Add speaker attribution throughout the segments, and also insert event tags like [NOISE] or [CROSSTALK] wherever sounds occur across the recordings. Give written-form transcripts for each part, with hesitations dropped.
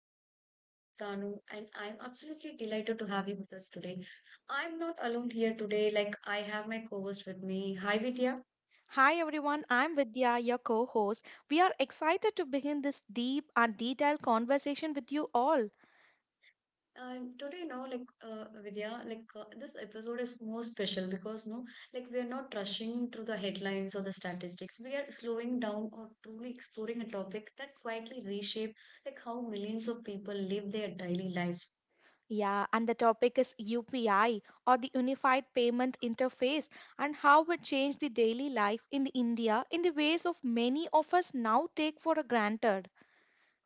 Speaker 1: Now, I'm your host Tanu, and I'm absolutely delighted to have you with us today. I'm not alone here today; like I have my co-host with me. Hi Vidya.
Speaker 2: Hi everyone, I'm Vidya, your co host. We are excited to begin this deep and detailed conversation with you all.
Speaker 1: And today, now, like Vidya, like this episode is more special because no, like we are not rushing through the headlines or the statistics. We are slowing down or truly exploring a topic that quietly reshape like how millions of people live their daily lives.
Speaker 2: Yeah, and the topic is UPI or the Unified Payment Interface and how it changed the daily life in the India in the ways of many of us now take for granted.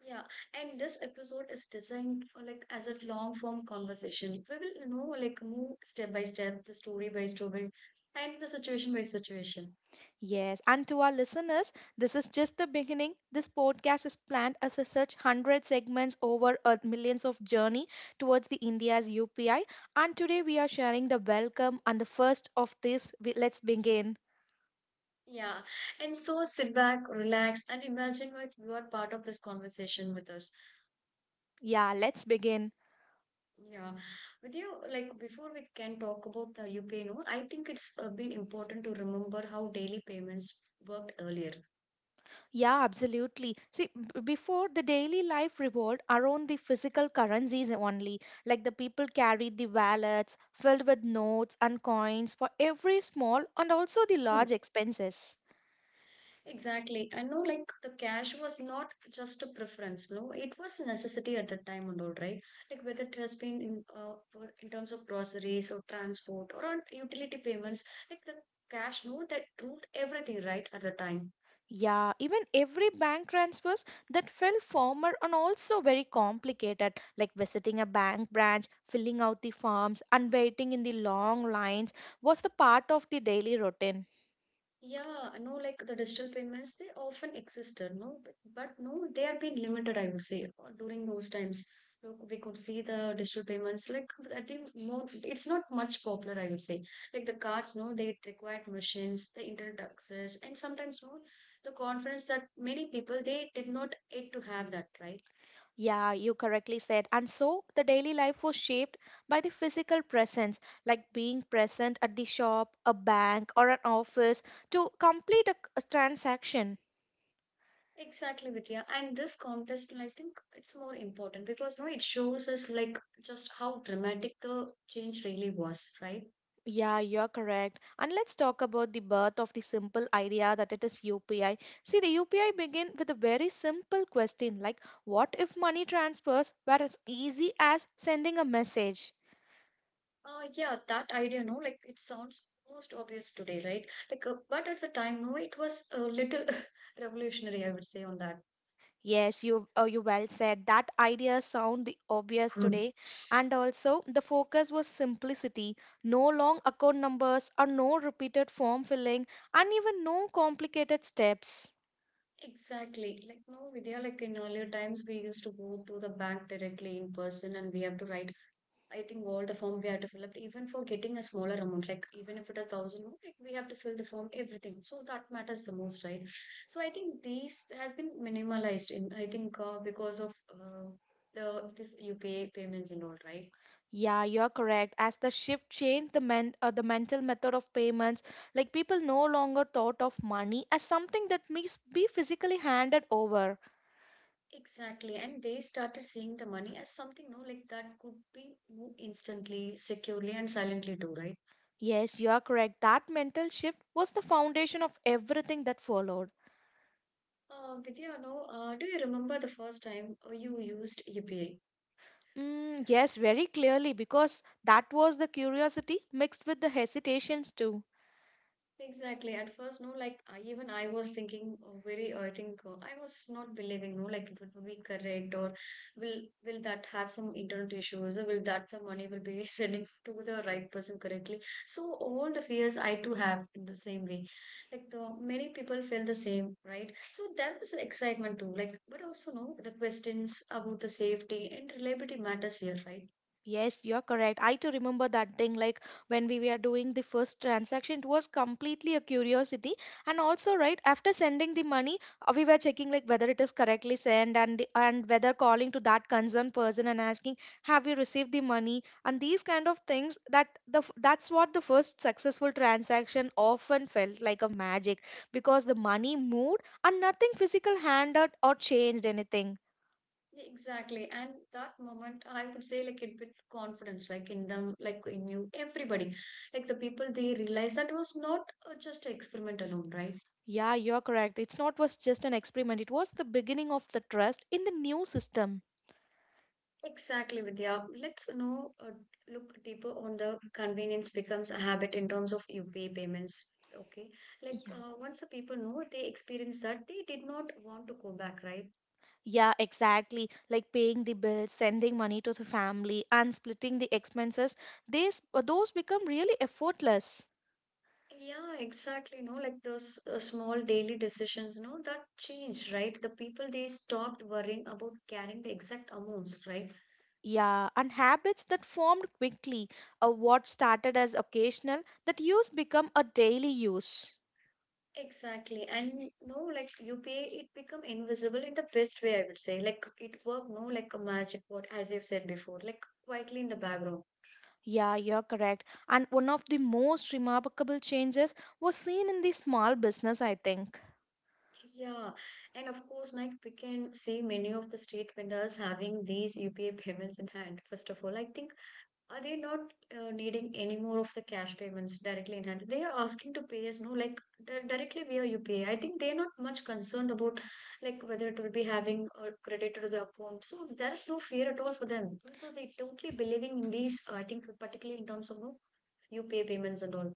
Speaker 1: Yeah, and this episode is designed for like as a long form conversation. We will, like move step by step, the story by story, and the situation by situation.
Speaker 2: Yes, and to our listeners, this is just the beginning. This podcast is planned as a such 100 segments over a millions of journey towards the India's UPI. And today we are sharing the welcome and the first of this. Let's begin.
Speaker 1: Yeah, and so sit back, relax, and imagine like you are part of this conversation with us.
Speaker 2: Yeah, let's begin.
Speaker 1: Yeah, with you, like before we can talk about the UPI note, I think it's been important to remember how daily payments worked earlier.
Speaker 2: Yeah, absolutely. See, before the daily life revolved around the physical currencies only. Like the people carried the wallets filled with notes and coins for every small and also the large expenses.
Speaker 1: Exactly. I know like the cash was not just a preference, no, it was a necessity at the time and all, right? Like whether it has been in for, in terms of groceries or transport or on utility payments, like the cash no, that ruled everything, right, at the time.
Speaker 2: Yeah, even every bank transfers that fell former and also very complicated, like visiting a bank branch, filling out the forms, and waiting in the long lines was the part of the daily routine.
Speaker 1: Yeah, no, like the digital payments, they often existed, no, but no, they have been limited, I would say, during those times. Look, we could see the digital payments, like I think more, it's not much popular, I would say. Like the cards, no, they required machines, the internet access, and sometimes, no, the confidence that many people they did not get to have that, right?
Speaker 2: Yeah, you correctly said. And so the daily life was shaped by the physical presence, like being present at the shop, a bank, or an office to complete a transaction.
Speaker 1: Exactly, Vidya. And this contest, I think it's more important because no, it shows us like just how dramatic the change really was, right?
Speaker 2: Yeah, you're correct. And let's talk about the birth of the simple idea that it is UPI. See, the UPI begin with a very simple question like, what if money transfers were as easy as sending a message?
Speaker 1: Yeah, that idea, no, like it sounds most obvious today, right? Like, but at the time, no, it was a little [LAUGHS] revolutionary, I would say, on that.
Speaker 2: Yes, you well said. That idea sound the obvious
Speaker 1: Hmm.
Speaker 2: today, and also the focus was simplicity. No long account numbers, or no repeated form filling, and even no complicated steps.
Speaker 1: Exactly. Like, no, Vidya, like in earlier times, we used to go to the bank directly in person and we have to write. I think all the form we have to fill up, even for getting a smaller amount, like even if it 1,000, like we have to fill the form, everything. So that matters the most, right? So I think these has been minimalized in, I think, because of the this UPI payments and all, right?
Speaker 2: Yeah, you're correct. As the shift changed the men the mental method of payments, like people no longer thought of money as something that must be physically handed over.
Speaker 1: Exactly. And they started seeing the money as something, no, like that could be moved instantly, securely, and silently too, right?
Speaker 2: Yes, you are correct. That mental shift was the foundation of everything that followed.
Speaker 1: Vidya, no, do you remember the first time you used UPI?
Speaker 2: Mm, yes, very clearly, because that was the curiosity mixed with the hesitations too.
Speaker 1: Exactly. At first, no, like even I was thinking very, I think I was not believing, no, like it would be correct or will that have some internal issues or will that the money will be [LAUGHS] sending to the right person correctly? So all the fears I too have in the same way. Like the many people feel the same, right? So that was an excitement too. Like, but also no, the questions about the safety and reliability matters here, right?
Speaker 2: Yes, you're correct. I too remember that thing like when we were doing the first transaction, it was completely a curiosity. And also, right, after sending the money, we were checking like whether it is correctly sent and whether calling to that concerned person and asking, have you received the money? And these kind of things that that's what the first successful transaction often felt like a magic because the money moved and nothing physical handed or changed anything.
Speaker 1: Yeah, exactly. And that moment, I would say, like, it with confidence, like, in them, like, in you, everybody, like, the people, they realize that was not just an experiment alone, right?
Speaker 2: Yeah, you're correct. It's not was just an experiment. It was the beginning of the trust in the new system.
Speaker 1: Exactly, Vidya. Let's know, look deeper on the convenience becomes a habit in terms of UPI payments. Okay. Like,
Speaker 2: Yeah.
Speaker 1: once the people know they experience that, they did not want to go back, right?
Speaker 2: Yeah, exactly. Like paying the bills, sending money to the family, and splitting the expenses. These those become really effortless.
Speaker 1: Yeah, exactly. No, like those small daily decisions, no, that change, right? The people they stopped worrying about carrying the exact amounts, right?
Speaker 2: Yeah, and habits that formed quickly. What started as occasional, that use become a daily use.
Speaker 1: Exactly. And no, like you pay, it become invisible in the best way, I would say. Like it worked, no, like a magic word, as you've said before, like quietly in the background.
Speaker 2: Yeah, you're correct. And one of the most remarkable changes was seen in the small business, I think.
Speaker 1: Yeah. And of course, like we can see many of the street vendors having these UPA payments in hand. First of all, I think are they not needing any more of the cash payments directly in hand? They are asking to pay us, no, like directly via UPI. Think they're not much concerned about like whether it will be having or credit to the account. So there is no fear at all for them. So they totally believing in these, I think, particularly in terms of no UPI payments and all.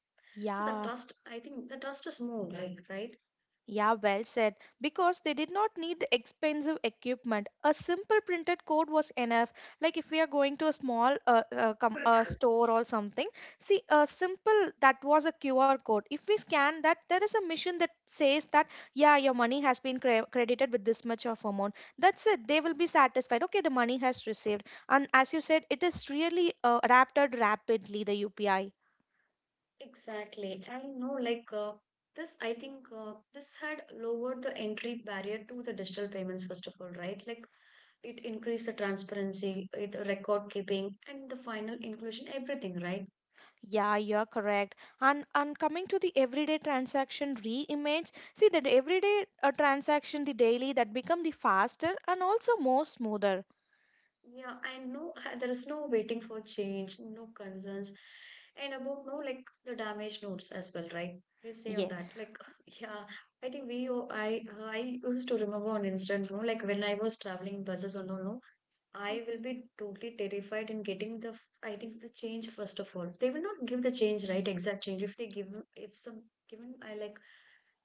Speaker 1: So the
Speaker 2: Yeah.
Speaker 1: trust, I think the trust is more like, right?
Speaker 2: Yeah, well said. Because they did not need the expensive equipment. A simple printed code was enough. Like if we are going to a small store or something, see a simple that was a QR code. If we scan that, there is a machine that says that yeah, your money has been credited with this much of amount. That's it. They will be satisfied. Okay, the money has received. And as you said, it is really adapted rapidly the UPI.
Speaker 1: Exactly. I know, like this, I think this had lowered the entry barrier to the digital payments, first of all, right? Like it increase the transparency, it record keeping and the final inclusion, everything, right.
Speaker 2: Yeah, you're correct. And coming to the everyday transaction re-image, see that everyday transaction, the daily that become the faster and also more smoother.
Speaker 1: Yeah, I know. [LAUGHS] There is no waiting for change, no concerns, and about no, like the damage notes as well, right? We'll say on
Speaker 2: Yeah.
Speaker 1: that, like. [LAUGHS] Yeah. I think we oh, I used to remember an incident, no, like when I was traveling buses or no, I will
Speaker 2: Mhm.
Speaker 1: be totally terrified in getting the, I think, the change, first of all. They will not give the change, right? Exact change. If they give, if some given, I like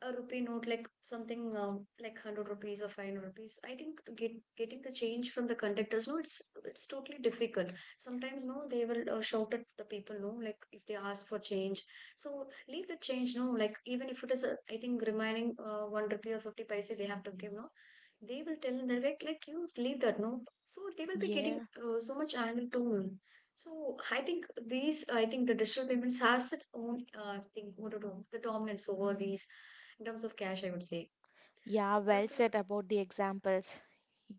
Speaker 1: a rupee note, like something like 100 rupees or 500 rupees, I think to getting the change from the conductors, no, it's totally difficult. Sometimes, no, they will shout at the people, no, like if they ask for change. So leave the change, no, like even if it is, I think remaining 1 rupee or 50 paise, they have to give, no, they will tell direct, like you leave that, no, so they will be getting
Speaker 2: Yeah.
Speaker 1: so much anger too. So I think these, I think the digital payments has its own thing, what do you know, the dominance over these in terms of cash, I would say.
Speaker 2: Yeah, well
Speaker 1: that's a-
Speaker 2: said about the examples.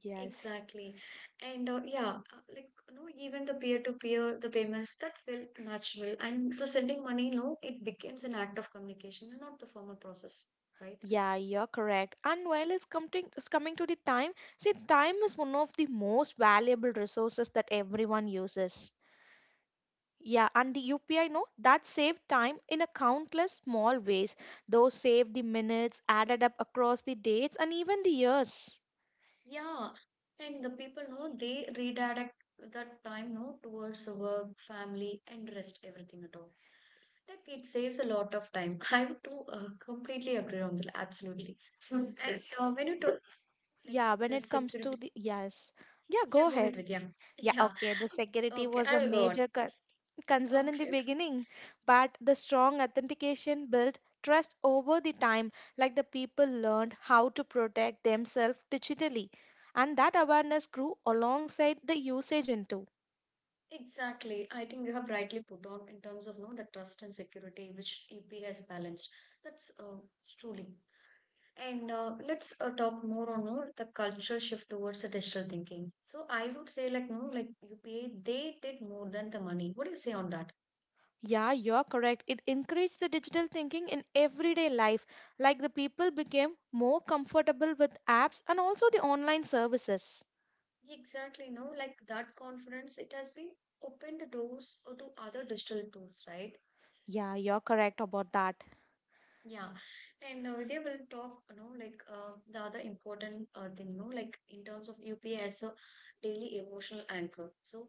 Speaker 2: Yes.
Speaker 1: exactly. And yeah, like no, even the peer to peer the payments that felt natural, and the sending money, no, it becomes an act of communication and not the formal process, right.
Speaker 2: Yeah, you're correct. And while it's coming to the time, see, time is one of the most valuable resources that everyone uses. Yeah, and the UPI note that saved time in a countless small ways. Those saved the minutes, added up across the dates and even the years.
Speaker 1: Yeah, and the people know they redirect that time no towards the work, family, and rest everything at all. Like it saves a lot of time. [LAUGHS] I would to completely agree on that. Absolutely. [LAUGHS] Mm. And yes, when you talk like
Speaker 2: Yeah, when
Speaker 1: the
Speaker 2: it comes to
Speaker 1: security,
Speaker 2: the yes. Yeah,
Speaker 1: yeah,
Speaker 2: go
Speaker 1: go ahead
Speaker 2: ahead.
Speaker 1: with [LAUGHS] yeah,
Speaker 2: Yeah,
Speaker 1: yeah.
Speaker 2: okay. The security
Speaker 1: Okay,
Speaker 2: was a
Speaker 1: I will go on.
Speaker 2: major concern in the
Speaker 1: Okay, okay.
Speaker 2: beginning, but the strong authentication built trust over the time, like the people learned how to protect themselves digitally. And that awareness grew alongside the usage into.
Speaker 1: Exactly. I think you have rightly put on in terms of no the trust and security which EP has balanced. That's truly. And let's talk more on the cultural shift towards the digital thinking. So I would say like no, like UPA, they did more than the money. What do you say on that?
Speaker 2: Yeah, you're correct. It encouraged the digital thinking in everyday life, like the people became more comfortable with apps and also the online services.
Speaker 1: Exactly, no, like that confidence, it has been opened the doors to other digital tools, right?
Speaker 2: Yeah, you're correct about that.
Speaker 1: Yeah, and they will talk, like the other important thing, like in terms of UPI as a daily emotional anchor. So,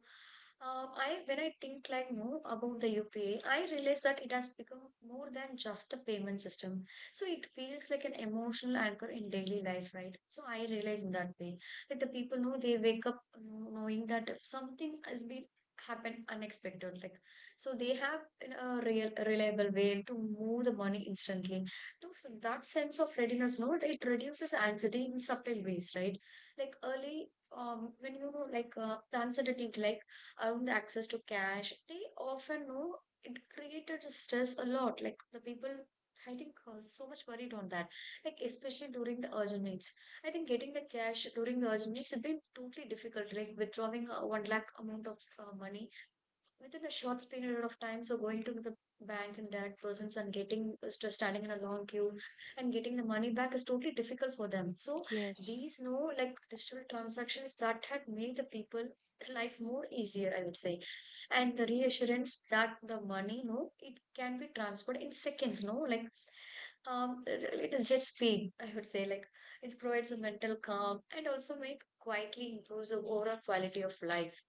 Speaker 1: I when I think like no about the UPI, I realize that it has become more than just a payment system. So it feels like an emotional anchor in daily life, right? So I realize in that way, like the people know they wake up, knowing that if something has been happened unexpected, like so they have a real reliable way to move the money instantly, so that sense of readiness, no, it reduces anxiety in subtle ways, right. Like early, when like the uncertainty, like around the access to cash, they often know it created stress a lot. Like the people, I think, so much worried on that, like especially during the urgent needs. I think getting the cash during the urgent needs has been totally difficult, like withdrawing 1 lakh amount of money within a short period of time, so going to the bank and that persons and getting standing in a long queue and getting the money back is totally difficult for them, so
Speaker 2: Yes.
Speaker 1: these no, like digital transactions that had made the people life more easier, I would say, and the reassurance that the money, no, it can be transferred in seconds, no, like it is just speed, I would say, like it provides a mental calm and also make quietly improves the overall quality of life.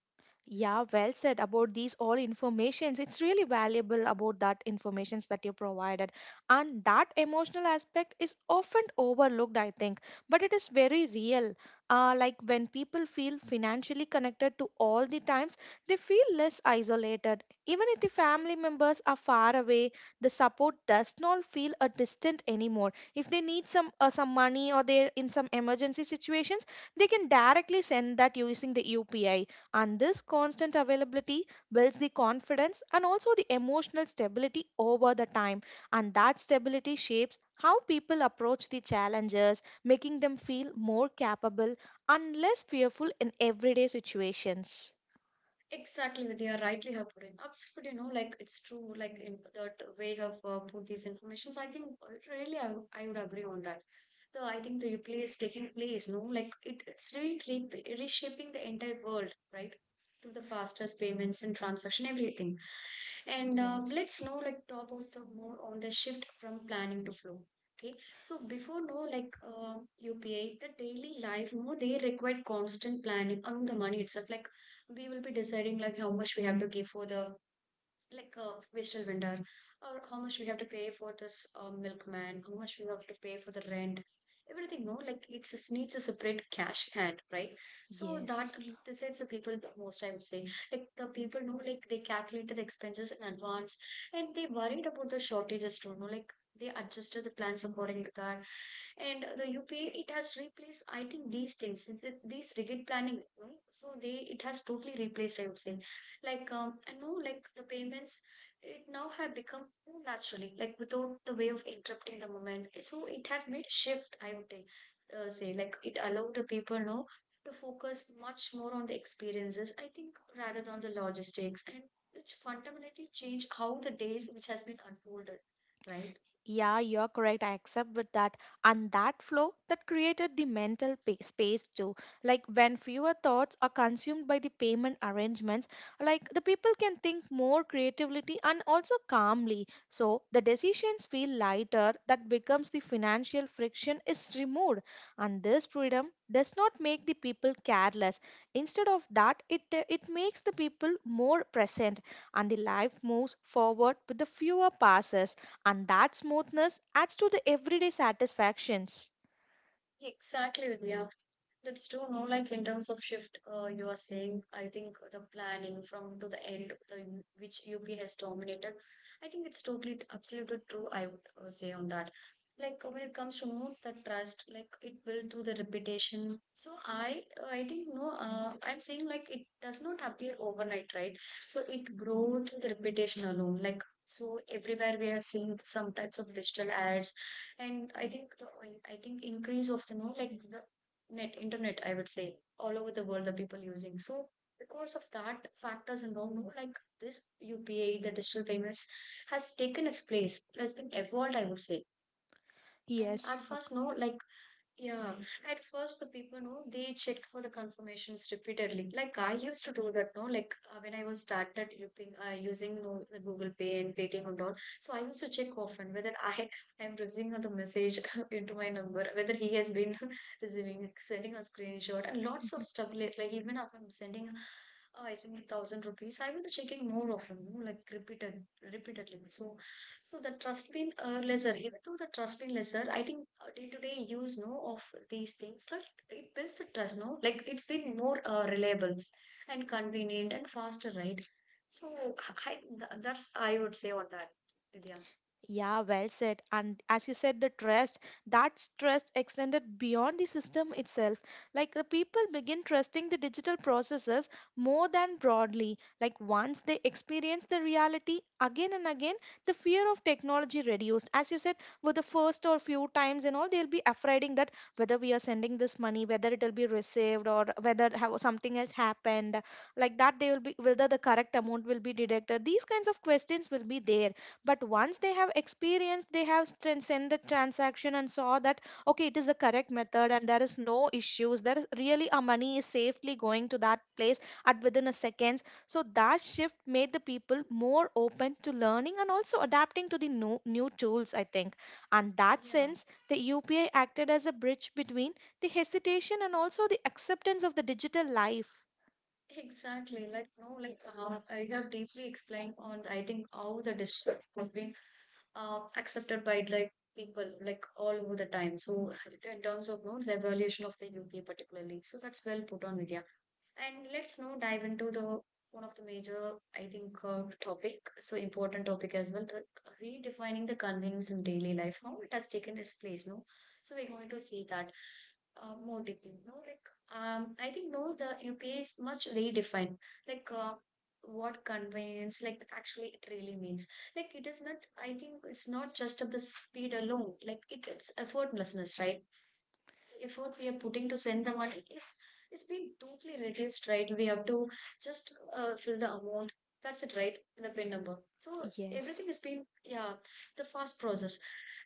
Speaker 2: Yeah, well said about these all informations. It's really valuable about that informations that you provided. And that emotional aspect is often overlooked, I think, but it is very real. Like when people feel financially connected to all the times, they feel less isolated. Even if the family members are far away, the support does not feel a distant anymore. If they need some money or they're in some emergency situations, they can directly send that using the UPI, and this constant availability builds the confidence and also the emotional stability over the time. And that stability shapes how people approach the challenges, making them feel more capable and less fearful in everyday situations.
Speaker 1: Exactly, they are rightly have put in. Absolutely, no, like it's true. Like in that way have put these informations. I think really, I would agree on that. The I think the play is taking place. No, like it's really reshaping the entire world, right? Through the fastest payments and transaction, everything. And
Speaker 2: Yes,
Speaker 1: let's know like talk about the more on the shift from planning to flow. Okay, so before no like UPI, the daily life, no, they required constant planning on the money itself. Like we will be deciding like how much we have to give for the like a wasteful vendor, or how much we have to pay for this milkman, how much we have to pay for the rent, everything, no, like it's just needs a separate cash hand, right? So that
Speaker 2: yes.
Speaker 1: decides the people the most, I would say. Like the people know, like they calculated the expenses in advance, and they worried about the shortages too, no, like they adjusted the plans according to that. And the UPA, it has replaced, I think, these things, these rigid planning, no? So they, it has totally replaced, I would say. Like I know, like the payments, it now have become more naturally, like without the way of interrupting the moment. So it has made shift, I would take, say, like it allowed the people now to focus much more on the experiences, I think, rather than the logistics, and which fundamentally changed how the days which has been unfolded, right?
Speaker 2: Yeah, you're correct. I accept with that. And that flow that created the mental space too. Like when fewer thoughts are consumed by the payment arrangements, like the people can think more creatively and also calmly. So the decisions feel lighter. That becomes the financial friction is removed. And this freedom does not make the people careless. Instead of that, it makes the people more present, and the life moves forward with the fewer passes and that smoothness adds to the everyday satisfactions.
Speaker 1: Exactly, Vidya. That's true, no, like in terms of shift, you are saying, I think the planning from to the end, the which UP has dominated, I think it's totally, absolutely true, I would say on that. Like when it comes to know the trust, like it built through the reputation. So I think, no, I'm saying, like it does not appear overnight, right? So it grows through the reputation alone. Like so, everywhere we are seeing some types of digital ads, and I think the, I think increase of the, no, like the net internet, I would say, all over the world the people using. So because of that factors and all, no, like this UPI, the digital payments, has taken its place, has been evolved, I would say. And
Speaker 2: Yes,
Speaker 1: at
Speaker 2: Yak.
Speaker 1: first, no, like yeah, at first the people know, they checked for the confirmations repeatedly. Like I used to do that, no, like when I was started using no, the Google Pay and Paytm and all. So I used to check often whether [LAUGHS] I am receiving the message [LAUGHS] into my number, whether he has been [LAUGHS] receiving, sending a screenshot, and lots of stuff. Like even if I'm sending, I think 1,000 rupees, I will be checking more often, no, like repeatedly. So so the trust been lesser, even though the trust been lesser, I think day to day use, no, of these things, like it builds the trust, no, like it's been more reliable and convenient and faster, right? So I, that's I would say on that, Vidya.
Speaker 2: Yeah, well said. And as you said, the trust, that trust extended beyond the system itself. Like the people begin trusting the digital processes more than broadly. Like once they experience the reality again and again, the fear of technology reduced. As you said, with the first or few times and all, they'll be afraiding that whether we are sending this money, whether it'll be received or whether how something else happened, like that they will be whether the correct amount will be deducted. These kinds of questions will be there, but once they have experienced they have transcended the transaction and saw that okay it is the correct method and there is no issues, there is really our money is safely going to that place at within a seconds. So that shift made the people more open to learning and also adapting to the new tools I think, and that
Speaker 1: Yeah.
Speaker 2: sense the UPI acted as a bridge between the hesitation and also the acceptance of the digital life.
Speaker 1: Exactly, like no, like I have deeply explained on, I think, how the district has been accepted by like people, like all over the time. So in terms of, no, the evolution of the UK particularly, so that's well put on, Vidya. And let's now dive into the one of the major, I think, topic. So important topic as well, the redefining the convenience in daily life. How it has taken its place, no? So we're going to see that more deeply, no? Like, I think, no, the UPA is much redefined. Like, what convenience, like, actually, it really means. Like, it is not. I think it's not just of the speed alone. Like, it's effortlessness, right? Effort we are putting to send the money is being totally reduced, right? We have to just fill the amount. That's it, right? The pin number. So
Speaker 2: Yes.
Speaker 1: everything is being, yeah, the fast process.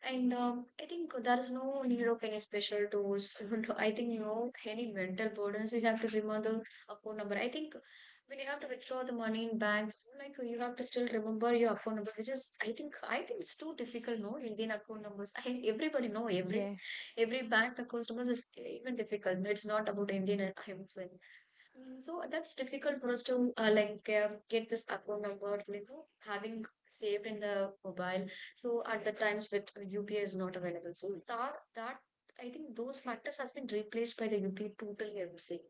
Speaker 1: And I think there is no need of any special tools. [LAUGHS] I think, you know, any mental burdens. You have to remember the account number. I think when you have to withdraw the money in bank, like you have to still remember your account number, which is, I think it's too difficult. No, Indian account numbers. [LAUGHS] I everybody know
Speaker 2: Yes.
Speaker 1: every bank customers is even difficult. It's not about Indian, I would say. Mm. So that's difficult for us to get this account number, you know, having saved in the mobile. So at the times with UPI is not available. So that I think those factors has been replaced by the UPI totally, I would say.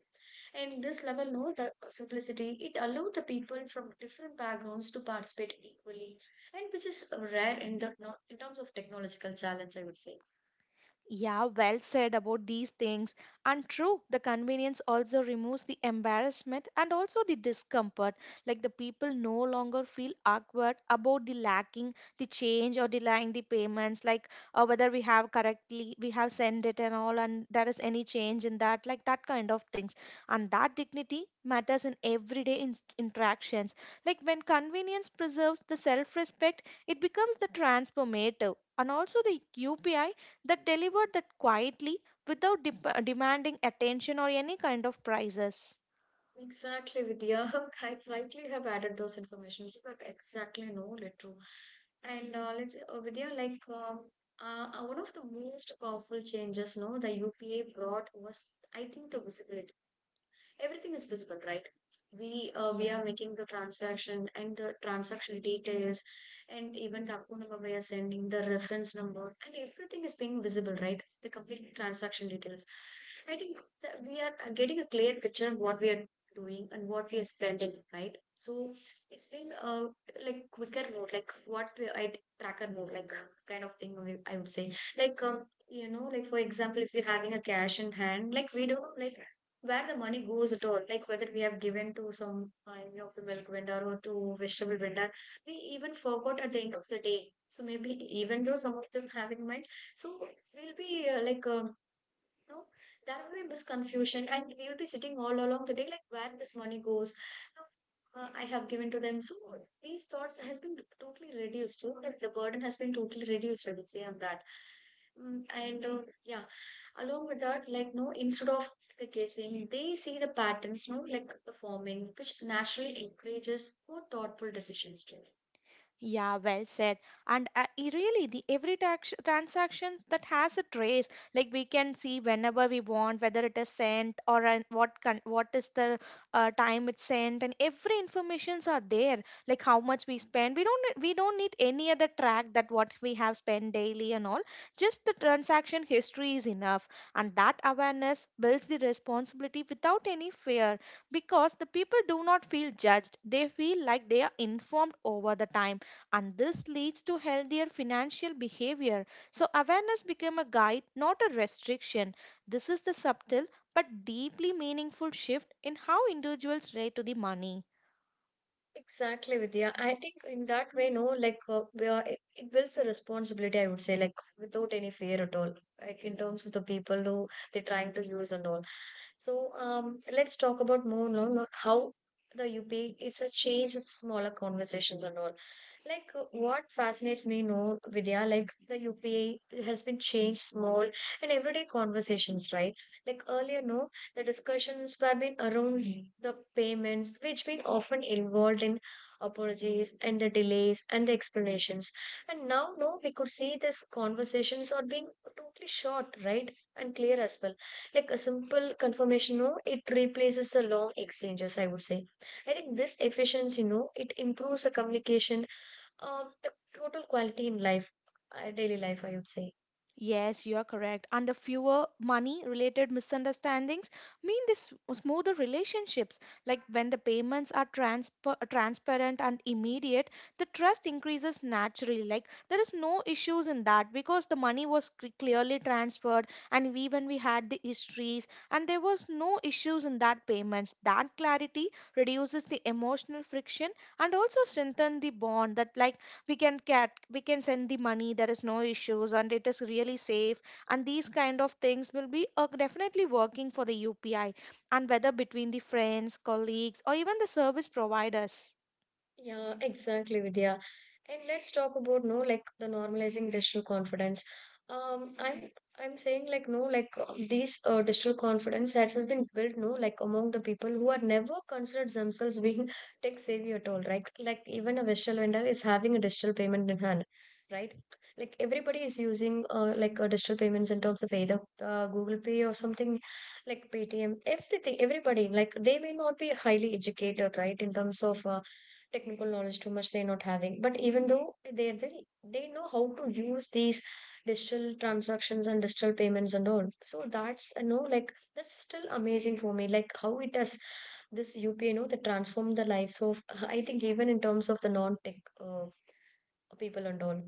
Speaker 1: And this level, no, the simplicity, it allowed the people from different backgrounds to participate equally, and which is rare in the in terms of technological challenge, I would say.
Speaker 2: Yeah, well said about these things. And true, the convenience also removes the embarrassment and also the discomfort. Like the people no longer feel awkward about the lacking the change or denying the payments, like whether we have correctly, we have sent it and all, and there is any change in that, like that kind of things. And that dignity matters in everyday interactions. Like when convenience preserves the self respect, it becomes the transformative. And also the UPI that delivered that quietly without demanding attention or any kind of prizes.
Speaker 1: Exactly, Vidya. [LAUGHS] I rightly have added those informations, but exactly, no, Little. And let's Vidya, like one of the most powerful changes, no, the UPA brought was, I think, the visibility, everything is visible, right? We we
Speaker 2: Yeah.
Speaker 1: are making the transaction and the transaction details, and even the account number we are sending, the reference number, and everything is being visible, right? The complete transaction details, I think, that we are getting a clear picture of what we are doing and what we are spending, right? So it's been like quicker mode, like what we, I tracker mode, like kind of thing I would say. Like you know, like for example, if you're having a cash in hand, like we don't like where the money goes at all, like whether we have given to some kind of the milk vendor or to vegetable vendor, we even forgot at the end of the day. So maybe even though some of them have in mind, so we'll be like no, there will be misconfusion, and we will be sitting all along the day like where this money goes. No, I have given to them. So these thoughts has been totally reduced. So that the burden has been totally reduced, I would say on that. Mm, and yeah, along with that, like no, instead of the guessing, they see the patterns, no, like the forming, which naturally encourages more thoughtful decisions too.
Speaker 2: Yeah, well said. And really, the every tax transactions that has a trace, like we can see whenever we want, whether it is sent or an, what is the time it's sent, and every informations are there, like how much we spend. We don't need any other track that what we have spent daily and all. Just the transaction history is enough, and that awareness builds the responsibility without any fear, because the people do not feel judged. They feel like they are informed over the time and this leads to healthier financial behavior. So awareness become a guide, not a restriction. This is the subtle but deeply meaningful shift in how individuals relate to the money.
Speaker 1: Exactly, Vidya. I think in that way, no, like we are, it builds a responsibility, I would say, like without any fear at all, like in terms of the people who they're trying to use and all. So let's talk about more, no, how the UP is a change in smaller conversations and all. Like what fascinates me, no, Vidya, like the UPA has been changed small in everyday conversations, right? Like earlier, no, the discussions were been around the payments, which been often involved in apologies and the delays and the explanations. And now, no, we could see these conversations are being totally short, right? And clear as well, like a simple confirmation, no, it replaces the long exchanges, I would say. I think this efficiency, no, it improves the communication, the total quality in life, daily life, I would say.
Speaker 2: Yes, you are correct. And the fewer money related misunderstandings mean this smoother relationships. Like when the payments are transparent and immediate, the trust increases naturally. Like there is no issues in that because the money was clearly transferred and we when we had the histories and there was no issues in that payments. That clarity reduces the emotional friction and also strengthen the bond that like we can get we can send the money there is no issues and it is really safe, and these kind of things will be definitely working for the UPI and whether between the friends colleagues or even the service providers.
Speaker 1: Yeah, exactly, Vidya. And let's talk about, no, like the normalizing digital confidence. Um, I'm I'm saying like no, like these digital confidence that has been built, no, like among the people who are never considered themselves being [LAUGHS] tech savvy at all, right? Like even a vegetable vendor is having a digital payment in hand, right? Like everybody is using digital payments in terms of either Google Pay or something like Paytm, everything, everybody like they may not be highly educated, right, in terms of technical knowledge too much they're not having, but even though they're very, they know how to use these digital transactions and digital payments and all. So that's, you know, like that's still amazing for me, like how it does this UPI, you know, that transform the lives of [LAUGHS] I think, even in terms of the non-tech people and all.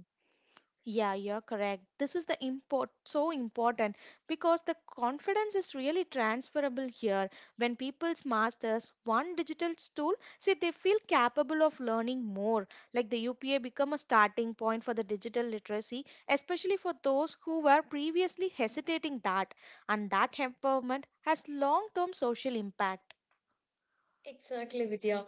Speaker 2: Yeah, you're correct. This is the import so important because the confidence is really transferable here. When people's masters one digital tool, say they feel capable of learning more. Like the UPA become a starting point for the digital literacy, especially for those who were previously hesitating that. And that empowerment has long-term social impact.
Speaker 1: Exactly, Vidya.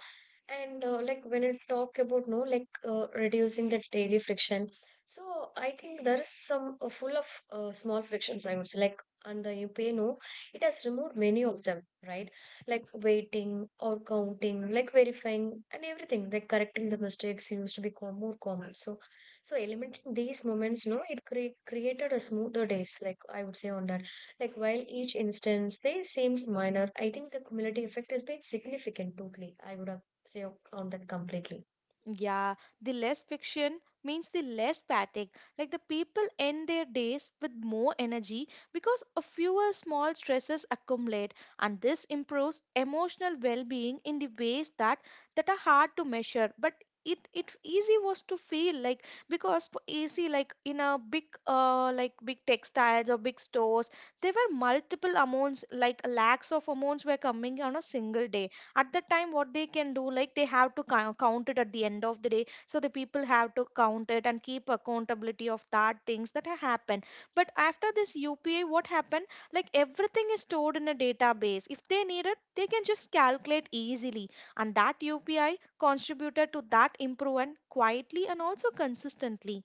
Speaker 1: And like when I talk about, no, like reducing the daily friction, so I think there is some full of small frictions, I would say, like on the you pay, no, it has removed many of them, right? Like waiting or counting, like verifying and everything, like correcting the mistakes used to be more common. So so eliminating these moments, no, it created a smoother days, like I would say on that. Like while each instance they seems minor, I think the cumulative effect has been significant totally, I would say on that completely.
Speaker 2: Yeah, the less fiction means the less fatigue. Like the people end their days with more energy because a fewer small stresses accumulate, and this improves emotional well-being in the ways that are hard to measure. But it easy was to feel like because for easy like in a big like big textiles or big stores, there were multiple amounts like lakhs of amounts were coming on a single day. At that time what they can do, like they have to count it at the end of the day, so the people have to count it and keep accountability of that things that have happened. But after this UPI, what happened, like everything is stored in a database. If they need it, they can just calculate easily, and that UPI contributed to that improvement quietly and also consistently.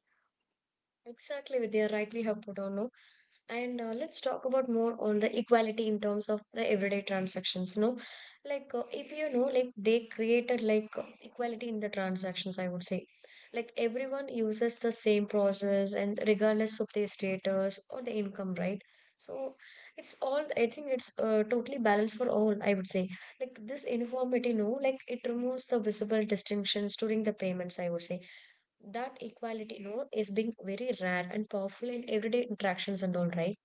Speaker 1: Exactly, Vidya, right? We have put on, no, and let's talk about more on the equality in terms of the everyday transactions. No, like if you know, like they created like equality in the transactions. I would say, like everyone uses the same process, and regardless of their status or the income, right? So it's all. I think it's totally balanced for all. I would say, like this uniformity, no, like it removes the visible distinctions during the payments. I would say that equality you know is being very rare and powerful in everyday interactions and all right,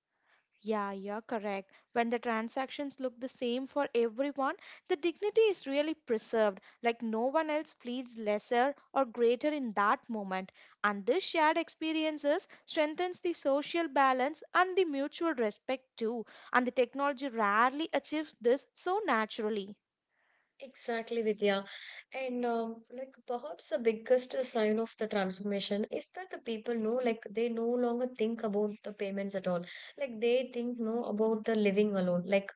Speaker 2: Yeah, you're correct. When the transactions look the same for everyone, the dignity is really preserved, like no one else feels lesser or greater in that moment. And this shared experiences strengthens the social balance and the mutual respect too. And the technology rarely achieves this so naturally.
Speaker 1: exactly Vidya. And like perhaps the biggest sign of the transformation is that the people know, like they no longer think about the payments at all. Like they think no about the living alone. like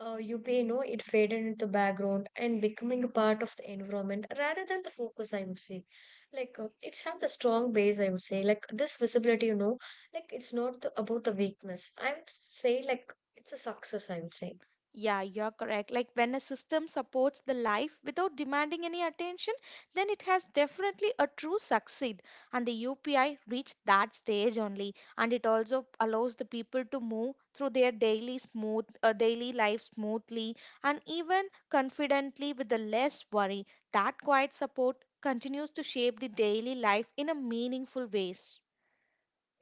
Speaker 1: uh, you may know it faded into the background and becoming a part of the environment rather than the focus, I would say. Like it's have the strong base, I would say. Like this visibility you know, like it's not the, about the weakness, I would say, like it's a success, I would say.
Speaker 2: Yeah, you're correct. Like when a system supports the life without demanding any attention, then it has definitely a true succeed. And the UPI reached that stage only. And it also allows the people to move through their daily smooth, daily life smoothly and even confidently with the less worry. That quiet support continues to shape the daily life in a meaningful ways.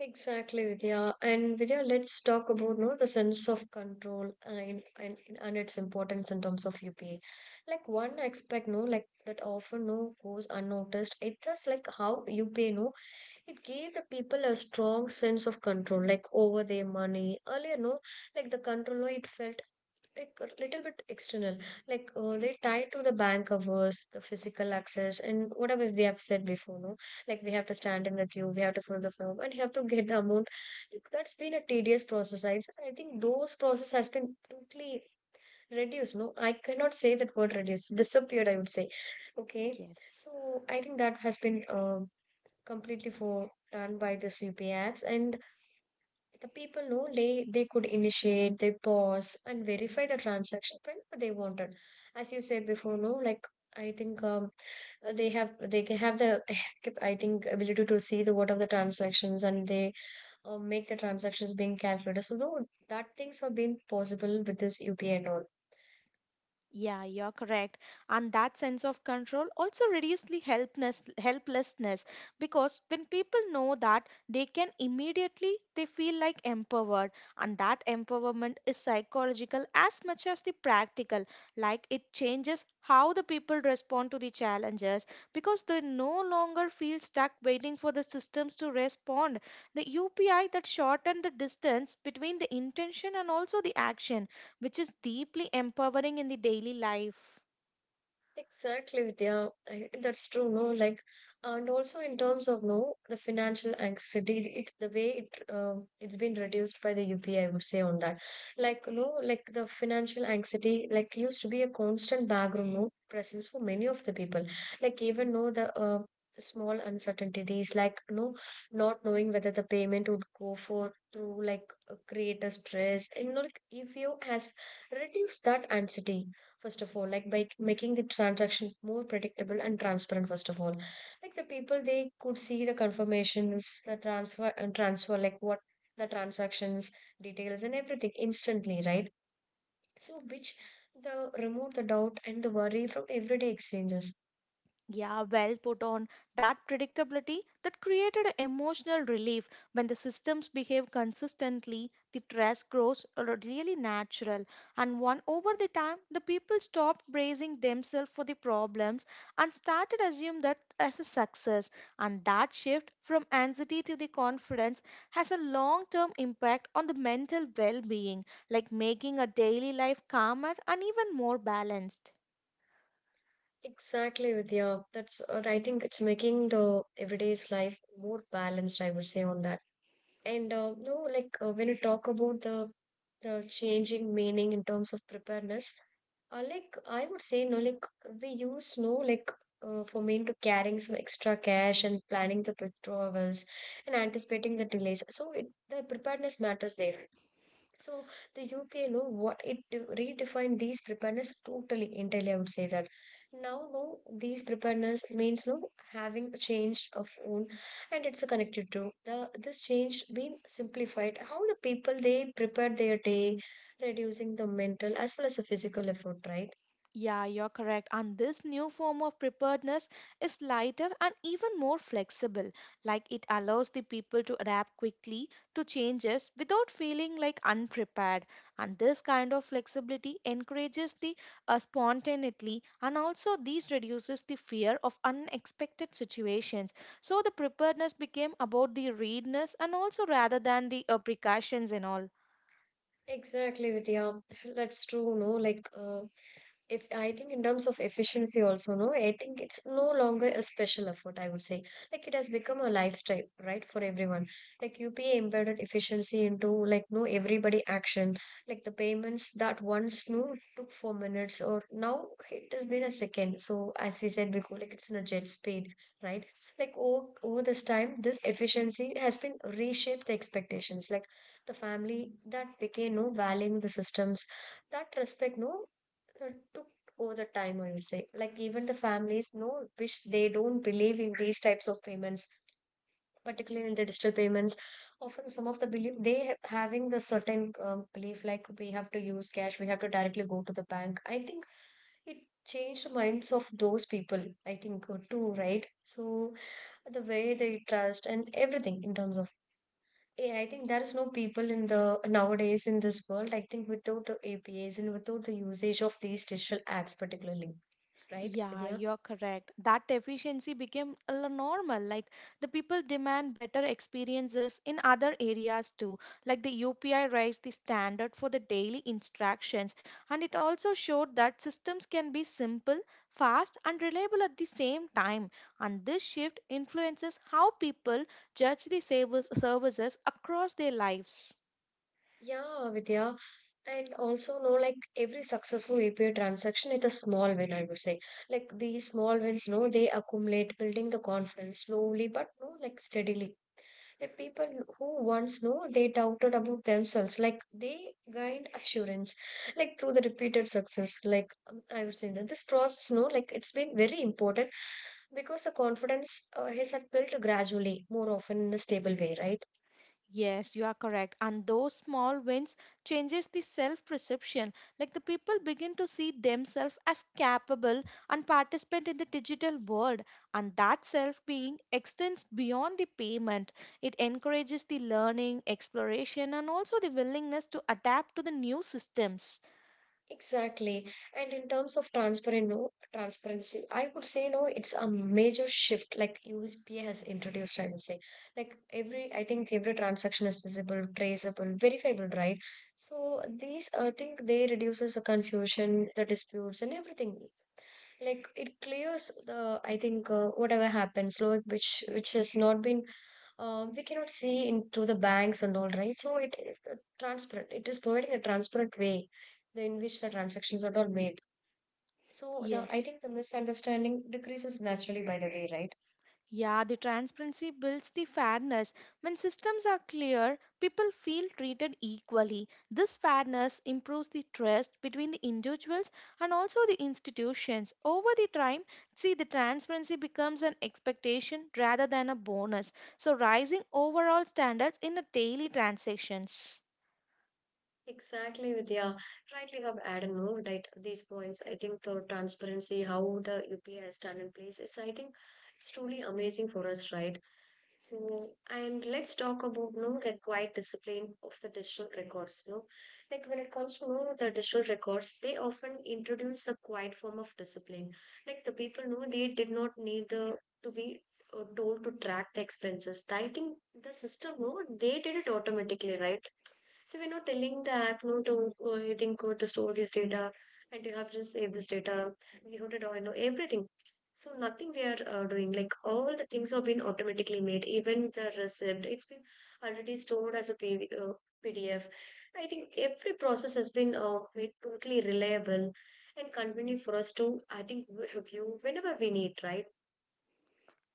Speaker 1: Exactly, Vidya. And Vidya, let's talk about no the sense of control and and its importance in terms of UPA. Like one aspect no, like that often no goes unnoticed, it is like how UPA no, it gave the people a strong sense of control, like over their money. Earlier, no, like the control, no, it felt like a little bit external, like they tied to the bank hours, the physical access, and whatever we have said before, no, like we have to stand in the queue, we have to fill the form, and you have to get the amount. Like, that's been a tedious process. I think those process has been totally reduced. No, I cannot say that word reduced, disappeared. I would say, okay.
Speaker 2: Yes.
Speaker 1: So I think that has been completely for done by the CP apps, and the people know they could initiate, they pause and verify the transaction when they wanted. As you said before, no, like I think they have they can have the [LAUGHS] I think ability to see the what are the transactions, and they make the transactions being calculated. So though that things have been possible with this UPI and all.
Speaker 2: Yeah, you're correct. And that sense of control also reduces the helplessness because when people know that they can immediately, they feel like empowered. And that empowerment is psychological as much as the practical. Like it changes how the people respond to the challenges because they no longer feel stuck waiting for the systems to respond. The UPI that shortened the distance between the intention and also the action, which is deeply empowering in the daily life.
Speaker 1: Exactly, Vidya. I, that's true, no? Like, and also in terms of no, the financial anxiety, it, the way it it's been reduced by the UPI, I would say on that. Like, no, like the financial anxiety, like used to be a constant background no presence for many of the people. Like even no the the small uncertainties, like no, not knowing whether the payment would go for through like create a stress, and you know, like if you has reduced that anxiety first of all, like by making the transaction more predictable and transparent first of all. Like the people they could see the confirmations, the transfer and transfer, like what the transactions details and everything instantly, right? So which the remove the doubt and the worry from everyday exchanges.
Speaker 2: Yeah, well put on. That predictability that created a emotional relief. When the systems behave consistently, the stress grows really natural. And one over the time, the people stopped bracing themselves for the problems and started assume that as a success. And that shift from anxiety to the confidence has a long-term impact on the mental well-being, like making a daily life calmer and even more balanced.
Speaker 1: Exactly, Vidya. That's I think it's making the everyday's life more balanced, I would say on that. And uh, no like uh, when you talk about the changing meaning in terms of preparedness. Like I would say, no, like we use no, like for mean to carrying some extra cash and planning the withdrawals and anticipating the delays. So it, the preparedness matters there. So the UPA, you know, what it de- redefined these preparedness totally, entirely. I would say that now, no, these preparedness means no having changed of own, and it's connected to the this change being simplified. How the people they prepare their day, reducing the mental as well as the physical effort, right?
Speaker 2: Yeah, you're correct. And this new form of preparedness is lighter and even more flexible. Like it allows the people to adapt quickly to changes without feeling like unprepared. And this kind of flexibility encourages the spontaneity and also these reduces the fear of unexpected situations. So the preparedness became about the readiness and also rather than the precautions and all.
Speaker 1: Exactly, Vidya. That's true, no? If I think in terms of efficiency also, no, I think it's no longer a special effort, I would say. Like it has become a lifestyle, right, for everyone. Like UPA embedded efficiency into like no everybody action. Like the payments that once no took 4 minutes or now it has been a second. So as we said before, like it's in a jet speed, right? Like over this time, this efficiency has been reshaped the expectations. Like the family that became no valuing the systems that respect no uh, took over the time, I would say. Like even the families know which they don't believe in these types of payments, particularly in the digital payments. Often some of the belief they ha- having the certain belief like we have to use cash, we have to directly go to the bank. I think it changed the minds of those people. I think too, right? So the way they trust and everything in terms of AI, I think there is no people in the nowadays in this world. I think without the A P APIs and without the usage of these digital apps, particularly right,
Speaker 2: Yeah,
Speaker 1: Vidya?
Speaker 2: you're correct. That efficiency became normal. Like the people demand better experiences in other areas too. Like the UPI raised the standard for the daily instructions, and it also showed that systems can be simple, fast, and reliable at the same time. And this shift influences how people judge the service services across their lives.
Speaker 1: Yeah, Vidya. And also, no, like every successful API transaction is a small win, I would say. Like these small wins, no, they accumulate, building the confidence slowly, but no, like steadily. The people who once no, they doubted about themselves, like they gained assurance, like through the repeated success. Like I would say that this process, no, like it's been very important because the confidence has had built gradually, more often in a stable way, right?
Speaker 2: Yes, you are correct. And those small wins changes the self-perception. Like the people begin to see themselves as capable and participant in the digital world. And that self-being extends beyond the payment. It encourages the learning, exploration, and also the willingness to adapt to the new systems.
Speaker 1: Exactly. And in terms of transparent no transparency, I would say no, it's a major shift like USPA has introduced, I would say. Like every I think every transaction is visible, traceable, verifiable, right? So these I think they reduces the confusion, the disputes and everything. Like it clears the I think whatever happens, like which has not been we cannot see into the banks and all, right? So it is the transparent, it is providing a transparent way the- in which the transactions are all made. So the I
Speaker 2: Yes.
Speaker 1: think the misunderstanding decreases naturally by the way, right?
Speaker 2: Yeah, the transparency builds the fairness. When systems are clear, people feel treated equally. This fairness improves the trust between the individuals and also the institutions. Over the time, see the transparency becomes an expectation rather than a bonus. So rising overall standards in the daily transactions.
Speaker 1: Exactly, Vidya. Rightly you have added more right these points. I think for transparency, how the UPI has done in place, it's I think it's truly amazing for us, right? So, and let's talk about no required discipline of the digital records. No, like when it comes to know the digital records, they often introduce a quiet form of discipline. Like the people know they did not need the to be told to track the expenses. I think the system no, they did it automatically, right? So we're not telling the app no to you think go to store this data and you have to save this data. We have to do, you know everything. So nothing we are doing, like all the things have been automatically made, even the receipt, it's been already stored as a PDF. I think every process has been made totally reliable and convenient for us to, I think, w- view whenever we need, right?